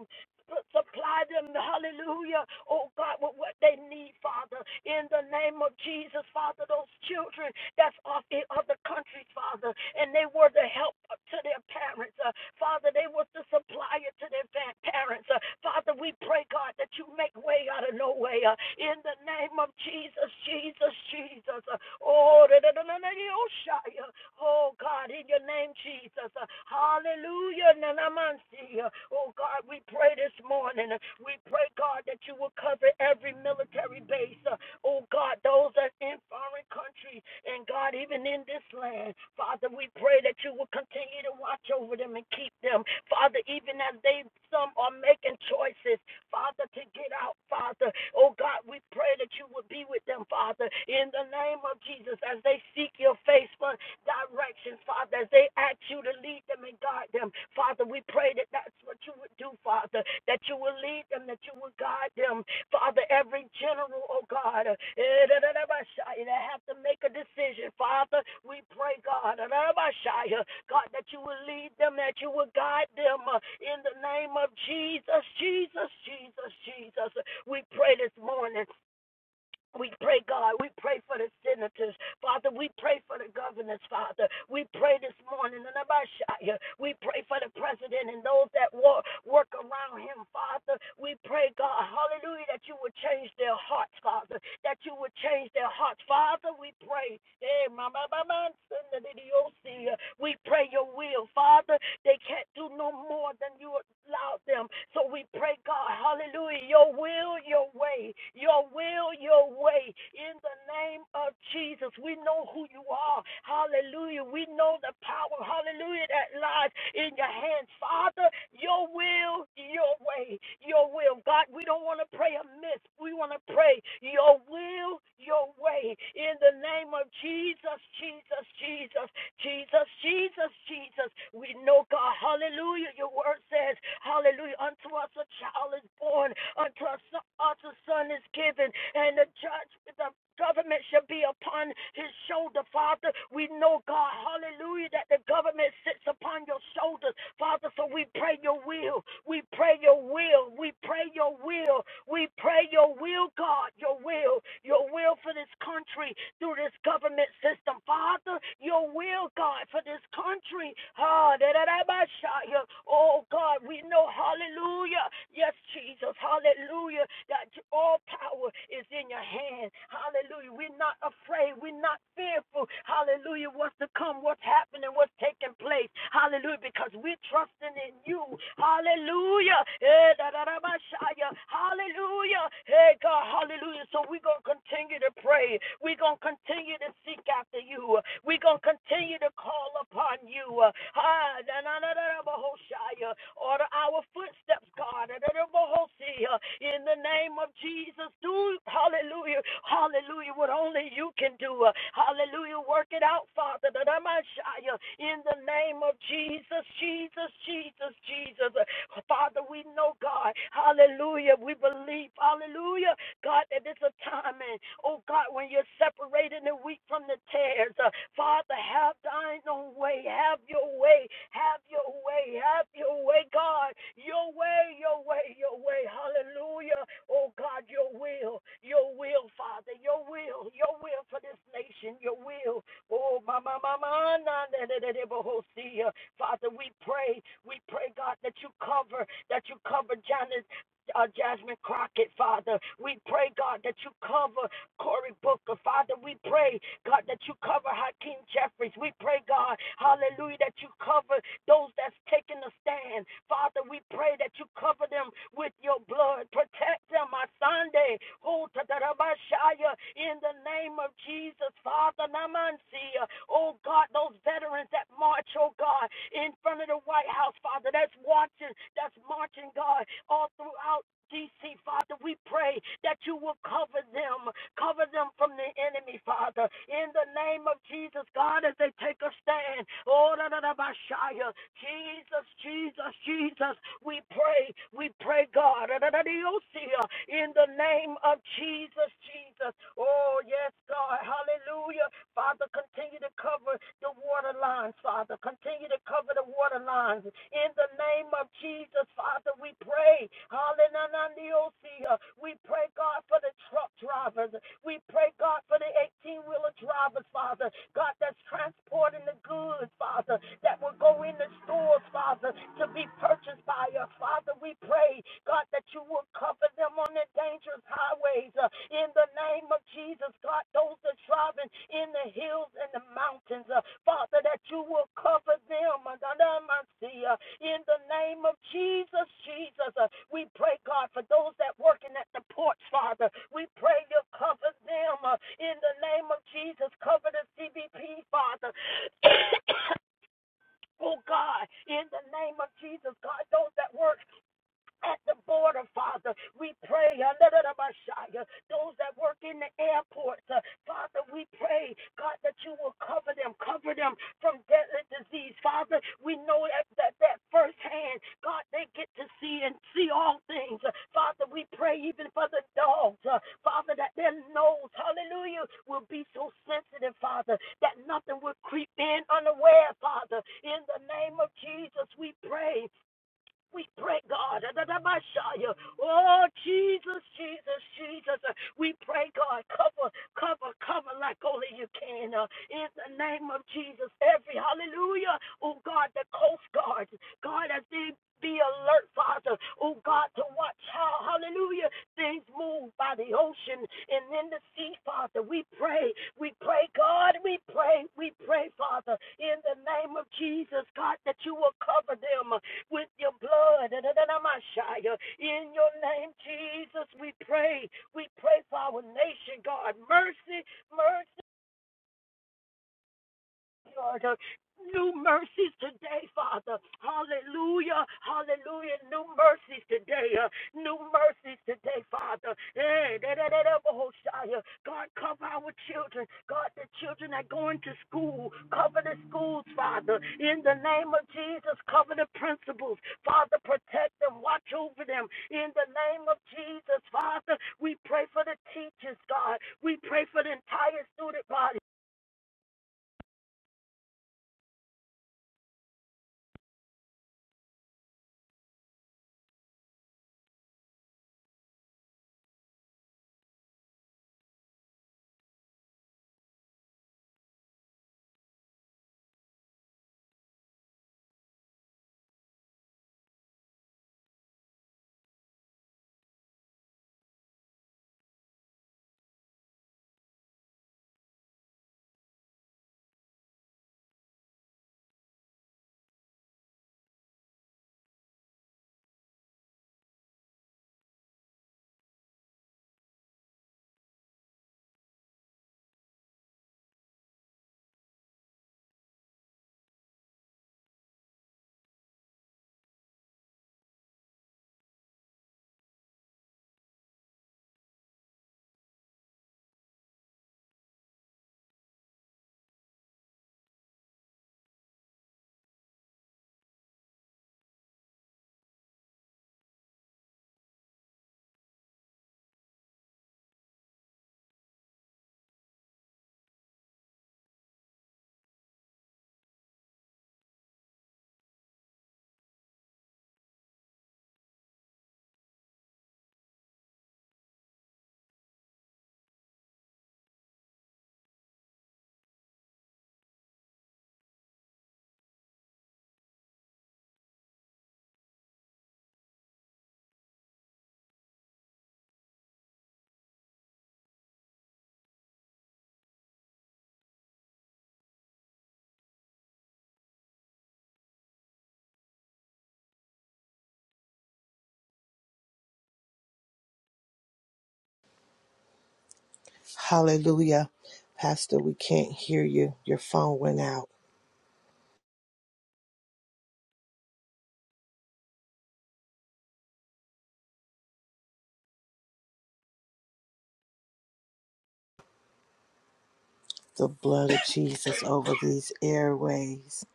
B: Supply them, hallelujah, oh God, with what they need, Father. In the name of Jesus, Father, those children that's off in other countries, Father, and they were the help to their parents. Uh, Father, they were the supplier to their parents. Uh, Father, we pray, God, that you make way out of no way. Uh, in the name of Jesus, Jesus, Jesus. Uh, oh, da, da, da, da, da, Hallelujah. Oh God, in your name, Jesus. Hallelujah. Nanamansi. Oh God, we pray this morning. We pray, God, that you will cover every military base. Oh God, those that are in foreign countries and God, even in this land. Father, we pray that you will continue to watch over them and keep them. Father, even as they some are making choices Father, to get out, Father. Oh God, we pray that you would be with them, Father, in the name of Jesus, as they seek your face for directions, Father, as they ask you to lead them and guide them. Father, we pray that that's what you would do, Father, that you will lead them, that you will guide them, Father, every general, oh God, uh, that have to make a decision. Father, we pray, God, uh, God, that you will lead them, that you will guide them uh, in the name of Jesus, Jesus, Jesus, Jesus. We pray this morning we pray, God, we pray for the senators. Father, we pray for the governors, Father. We pray this morning, and about We pray for the president and those that work, around him, Father. We pray, God, hallelujah, that you would change their hearts, Father. That you would change their hearts. Father, we pray. Eh, ma, ma, ma, the Dios, eh, We pray your will, Father. They can't do no more than you allowed about them. So we pray, God, hallelujah, your will, your way, your will, your way. In the name of Jesus, we know who you are. Hallelujah. We know the power, hallelujah, that lies in your hands. Father, your will, your way, your will. God, we don't want to pray amiss. We want to pray your will, your way. In the name of Jesus, Jesus, Jesus. Jesus, Jesus, Jesus. We know, God, hallelujah. Your word says, hallelujah. Unto us a child is born, unto us, us a son is given, and the judge, the government shall be upon his shoulder, Father. We know, God, hallelujah, that the government sits upon your shoulders, Father. So we we pray your will. We pray your will. We pray your will. We pray your will, God, your will, your will for this country through this government system. Father, your will, God, for this country. Ah, da, da, da, ba, sha, ya. Oh, God, we know, hallelujah. Yes, Jesus, hallelujah. That all power is in your hand. Hallelujah. We're not afraid. We're not fearful. Hallelujah. What's to come, what's happening, what's taking place. Hallelujah. Because we're trusting in you. Hallelujah. Eh, Hallelujah. Hey, God. Hallelujah. So we're going to continue to pray. We're going to continue to seek after you. We're going to continue to call upon you in you. Uh, ah, na- na- na- na- na- uh, Order our footsteps, God. Na- na- uh, In the name of Jesus, do hallelujah, hallelujah, what only you can do. Uh, Hallelujah, work it out, Father. Na- na- uh, In the name of Jesus, Jesus, Jesus, Jesus. Uh, Father, we know, God, hallelujah, we believe, hallelujah. God, that it's a time, and oh God, when you're separating the wheat from the tares, uh, Father, have thine own way, have your way, have your way, have your way, God, your way, your way, your way, hallelujah, oh God, your will, your will, Father, your will, your will for this nation, your will, oh, my, my, my, my, na, na, na, na, na, but, oh, see, uh, Father, we pray, we pray, God, that you cover, that you cover John uh, Jasmine Crockett, Father. We pray, God, that you cover, Cory Booker. Father, we pray, God, that you cover Hakeem Jeffries. We pray, God, hallelujah, that you cover those that's taking a stand. Father, we pray that you cover them with your blood. Protect them, my Sunday. Oh, tatarabashaya, in the name of Jesus, Father, namansia. Oh, God, those veterans that march, oh, God, in front of the White House, Father, that's watching, that's marching, God, all throughout DC, Father, we pray that you will cover them, cover them from the enemy, Father. In the name of Jesus, God, as they take a stand. Oh, da, da, da, ba, Jesus, Jesus, Jesus, we pray, we pray, God. Da, da, da, da, oh, uh, In the name of Jesus, Jesus. Oh, yes, God. Hallelujah. Father, continue to cover the water lines, Father. Continue to cover the water lines. In the name of Jesus, Father, we pray. Hallelujah. We pray, God, for the truck drivers. We pray, God, for the 18 wheeler drivers, Father. God, that's transporting the goods, Father, that will go in the store souls, Father, to be purchased by us. Father, we pray, God, that you will cover them on their dangerous highways. uh, in the name of Jesus, God, those that driving in the hills and the mountains, uh, Father, that you will cover them. uh, da- see, uh, In the name of Jesus, Jesus, uh, we pray, God, for those that working at the ports, Father. We pray you cover them. uh, In the name of Jesus, cover the CBP, Father. [coughs] Oh God, in the name of Jesus, God, those that work at the border, Father. We pray under Those that work in the airports, uh, Father, we pray, God, that you will cover them, cover them from deadly disease. Father, we know that, that, that firsthand, God, they get to see and see all things. Uh, Father, we pray even for the dogs, uh, Father, that their nose, hallelujah, will be so sensitive, Father, that nothing will creep in unaware, Father. In the name of Jesus, we pray we pray, God. Adadabashaya. Oh, Jesus, Jesus, Jesus. Uh, We pray, God. Cover, cover, cover like only you can. uh, In the name of Jesus. Every hallelujah. Oh, God, the Coast Guard. God, as they be alert, Father. Oh, God, to watch how, hallelujah, things move by the ocean and in the sea, Father. We pray. We pray, God. We pray. We pray, Father. In the name of Jesus, God, that you will cover them with your blood. da da In your name, Jesus, we pray. We pray for our nation, God. Mercy, mercy Lord. New mercies today, Father. Hallelujah. Hallelujah. New mercies today. uh, New mercies today, Father. Eh, da, da, da, da, Bahoshaya. God, cover our children. God, the children are going to school. Cover the schools, Father. In the name of Jesus, cover the principals. Father, protect them. Watch over them. In the name of Jesus, Father, we pray for the teachers, God. We pray for the entire student body.
C: Hallelujah. Pastor, we can't hear you. Your phone went out. The blood of Jesus over these airways.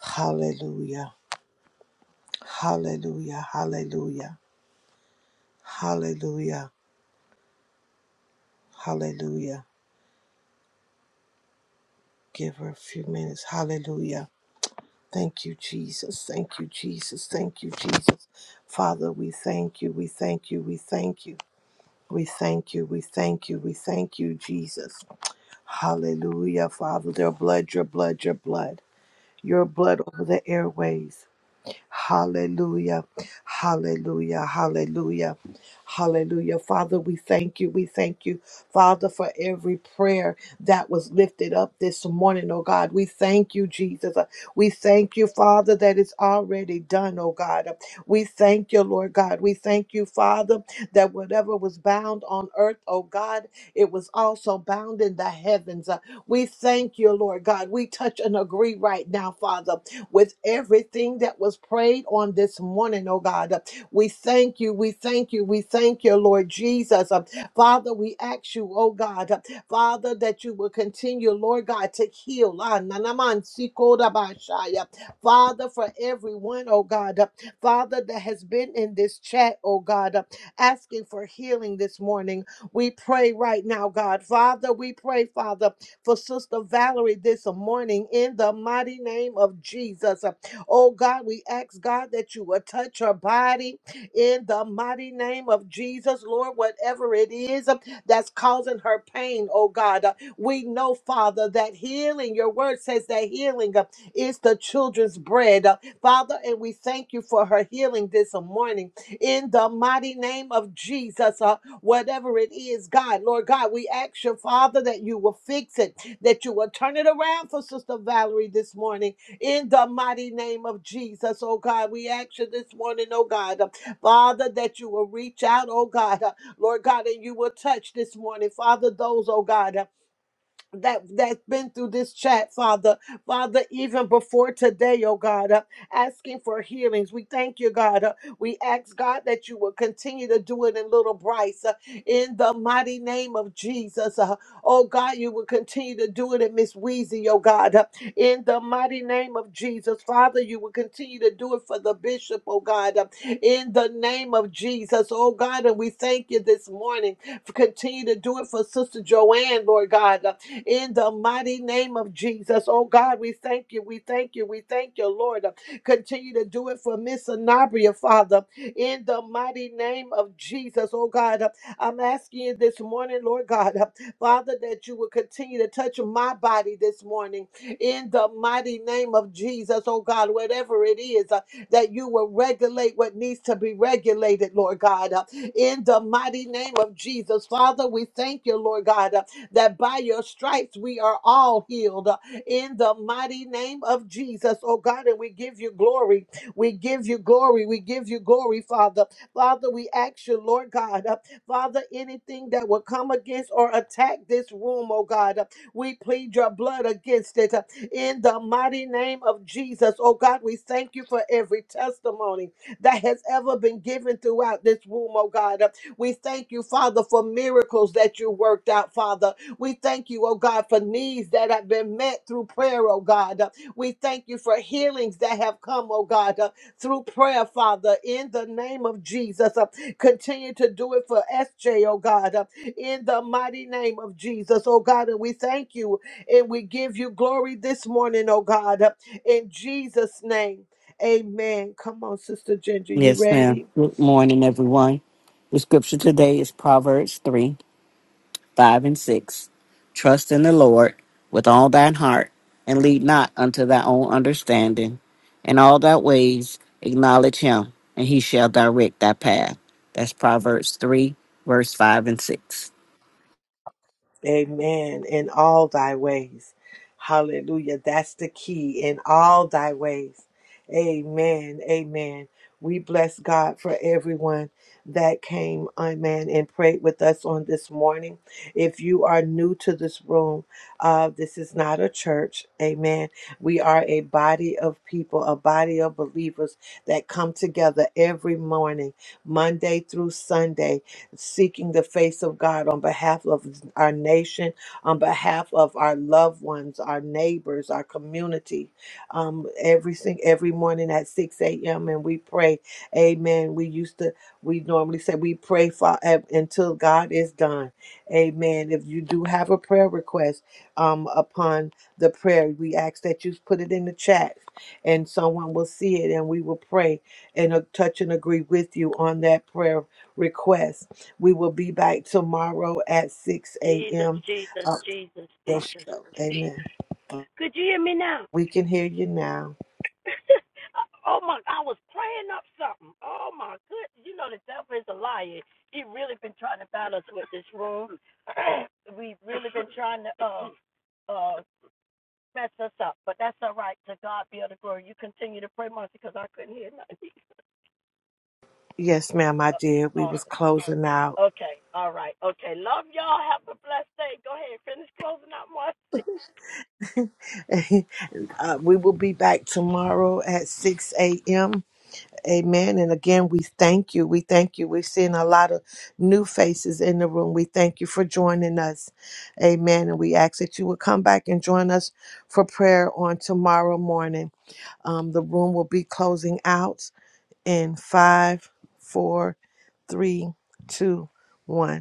C: Hallelujah. Hallelujah. Hallelujah. Hallelujah. Hallelujah. Give her a few minutes. Hallelujah. Thank you, Jesus. Thank you, Jesus. Thank you, Jesus. Father, we thank you. We thank you. We thank you. We thank you. We thank you. We thank you, Jesus. Hallelujah, Father. Their blood, your blood, your blood. your blood over the airways. Hallelujah. Hallelujah. Hallelujah. Hallelujah. Father, we thank you. We thank you, Father, for every prayer that was lifted up this morning, oh God. We thank you, Jesus. Uh, We thank you, Father, that it's already done, oh God. Uh, We thank you, Lord God. We thank you, Father, that whatever was bound on earth, oh God, it was also bound in the heavens. Uh, We thank you, Lord God. We touch and agree right now, Father with everything that was prayed on this morning, oh God. We thank you, we thank you, we thank you, Lord Jesus. Uh, Father, we ask you, oh God, uh, Father, that you will continue, Lord God, to heal. Ah, na, na, man, si, ko, da, ba, sha, ya. Father, for everyone, oh God, uh, Father, that has been in this chat, oh God, uh, asking for healing this morning. We pray right now, God. Father, we pray, Father, for Sister Valerie this morning in the mighty name of Jesus. Oh God, we ask God that you would touch her body in the mighty name of Jesus, Lord, whatever it is um, that's causing her pain, oh God. Uh, We know, Father, that healing, your word says that healing uh, is the children's bread. Uh, Father, and we thank you for her healing this morning in the mighty name of Jesus. Uh, whatever it is, God, Lord God, we ask you, Father, that you will fix it, that you will turn it around for Sister Valerie this morning in the mighty name of Jesus, oh God. We ask you this morning, oh God, uh, Father, that you will reach out, oh God, uh, Lord God, and you will touch this morning, Father, those, oh God. uh, that that's been through this chat, Father, Father, even before today, oh God, uh, asking for healings. We thank you, God. uh, we ask God that you will continue to do it in little Bryce, uh, in the mighty name of Jesus. Uh, oh God, you will continue to do it in Miss Weezy, oh God, uh, in the mighty name of Jesus, Father, you will continue to do it for the bishop, oh God, uh, in the name of Jesus, oh God, and we thank you this morning. Continue to do it for Sister Joanne, Lord God. uh, in the mighty name of Jesus. Oh God, we thank you. We thank you. We thank you, Lord. Continue to do it for Miss Anabria, Father, in the mighty name of Jesus. Oh God, I'm asking you this morning, Lord God, Father, that you will continue to touch my body this morning in the mighty name of Jesus. Oh God, whatever it is, uh, that you will regulate what needs to be regulated, Lord God, uh, in the mighty name of Jesus. Father, we thank you, Lord God. uh, that by your stripes we are all healed uh, in the mighty name of Jesus, oh God. And we give you glory. We give you glory. We give you glory, Father. Father, we ask you, Lord God, uh, Father, anything that will come against or attack this room, oh God, uh, we plead your blood against it uh, in the mighty name of Jesus, oh God. We thank you for every testimony that has ever been given throughout this room, oh God. Uh, We thank you, Father, for miracles that you worked out, Father. We thank you, oh God, for needs that have been met through prayer, oh God. Uh, We thank you for healings that have come, oh God, uh, through prayer, Father, in the name of Jesus. Uh, Continue to do it for SJ, oh God, uh, in the mighty name of Jesus, oh God. And we thank you and we give you glory this morning, oh God, uh, in Jesus' name. Amen. Come on, Sister Ginger, you
D: Yes,
C: ready?
D: ma'am. Good morning, everyone. The scripture today is Proverbs 3 5 and 6. Trust in the Lord with all thine heart, and lead not unto thy own understanding. In all thy ways acknowledge him, and he shall direct thy path. That's Proverbs 3, verse 5 and 6.
C: Amen. In all thy ways. Hallelujah. That's the key. In all thy ways. Amen. Amen. We bless God for everyone that came, amen, and prayed with us on this morning. If you are new to this room, uh, this is not a church. Amen. We are a body of people, a body of believers that come together every morning, Monday through Sunday, seeking the face of God on behalf of our nation, on behalf of our loved ones, our neighbors, our community. Um, every sing- every morning at 6 a.m. and we pray. Amen. We used to we normally say we pray for eh, until God is done. Amen. If you do have a prayer request um upon the prayer, we ask that you put it in the chat and someone will see it and we will pray and uh, touch and agree with you on that prayer request we will be back tomorrow at 6
B: Jesus,
C: a.m.
B: Jesus,
C: Uh,
B: Jesus,
C: yes,
B: Jesus.
C: amen.
B: Could you hear me now?
C: We can hear you now.
B: [laughs] oh my, I was praying up something. Oh my goodness, You know, the devil is a liar. He really been trying to battle us with this room. [clears throat] We've really been trying to uh, uh, mess us up, but that's all right. To God be all the glory. You continue to pray, Marcy, because I couldn't hear nothing. [laughs]
C: Yes, ma'am, I did.
B: Uh,
C: We was
B: awesome.
C: closing out.
B: Okay. All right. Okay. Love y'all. Have a blessed day. Go ahead. and Finish closing out, Marcy.
C: [laughs] uh, we will be back tomorrow at 6 a.m. Amen. And again, we thank you. We thank you. We're seeing a lot of new faces in the room. We thank you for joining us. Amen. And we ask that you would come back and join us for prayer on tomorrow morning. Um, the room will be closing out. in five, four, three, two, one.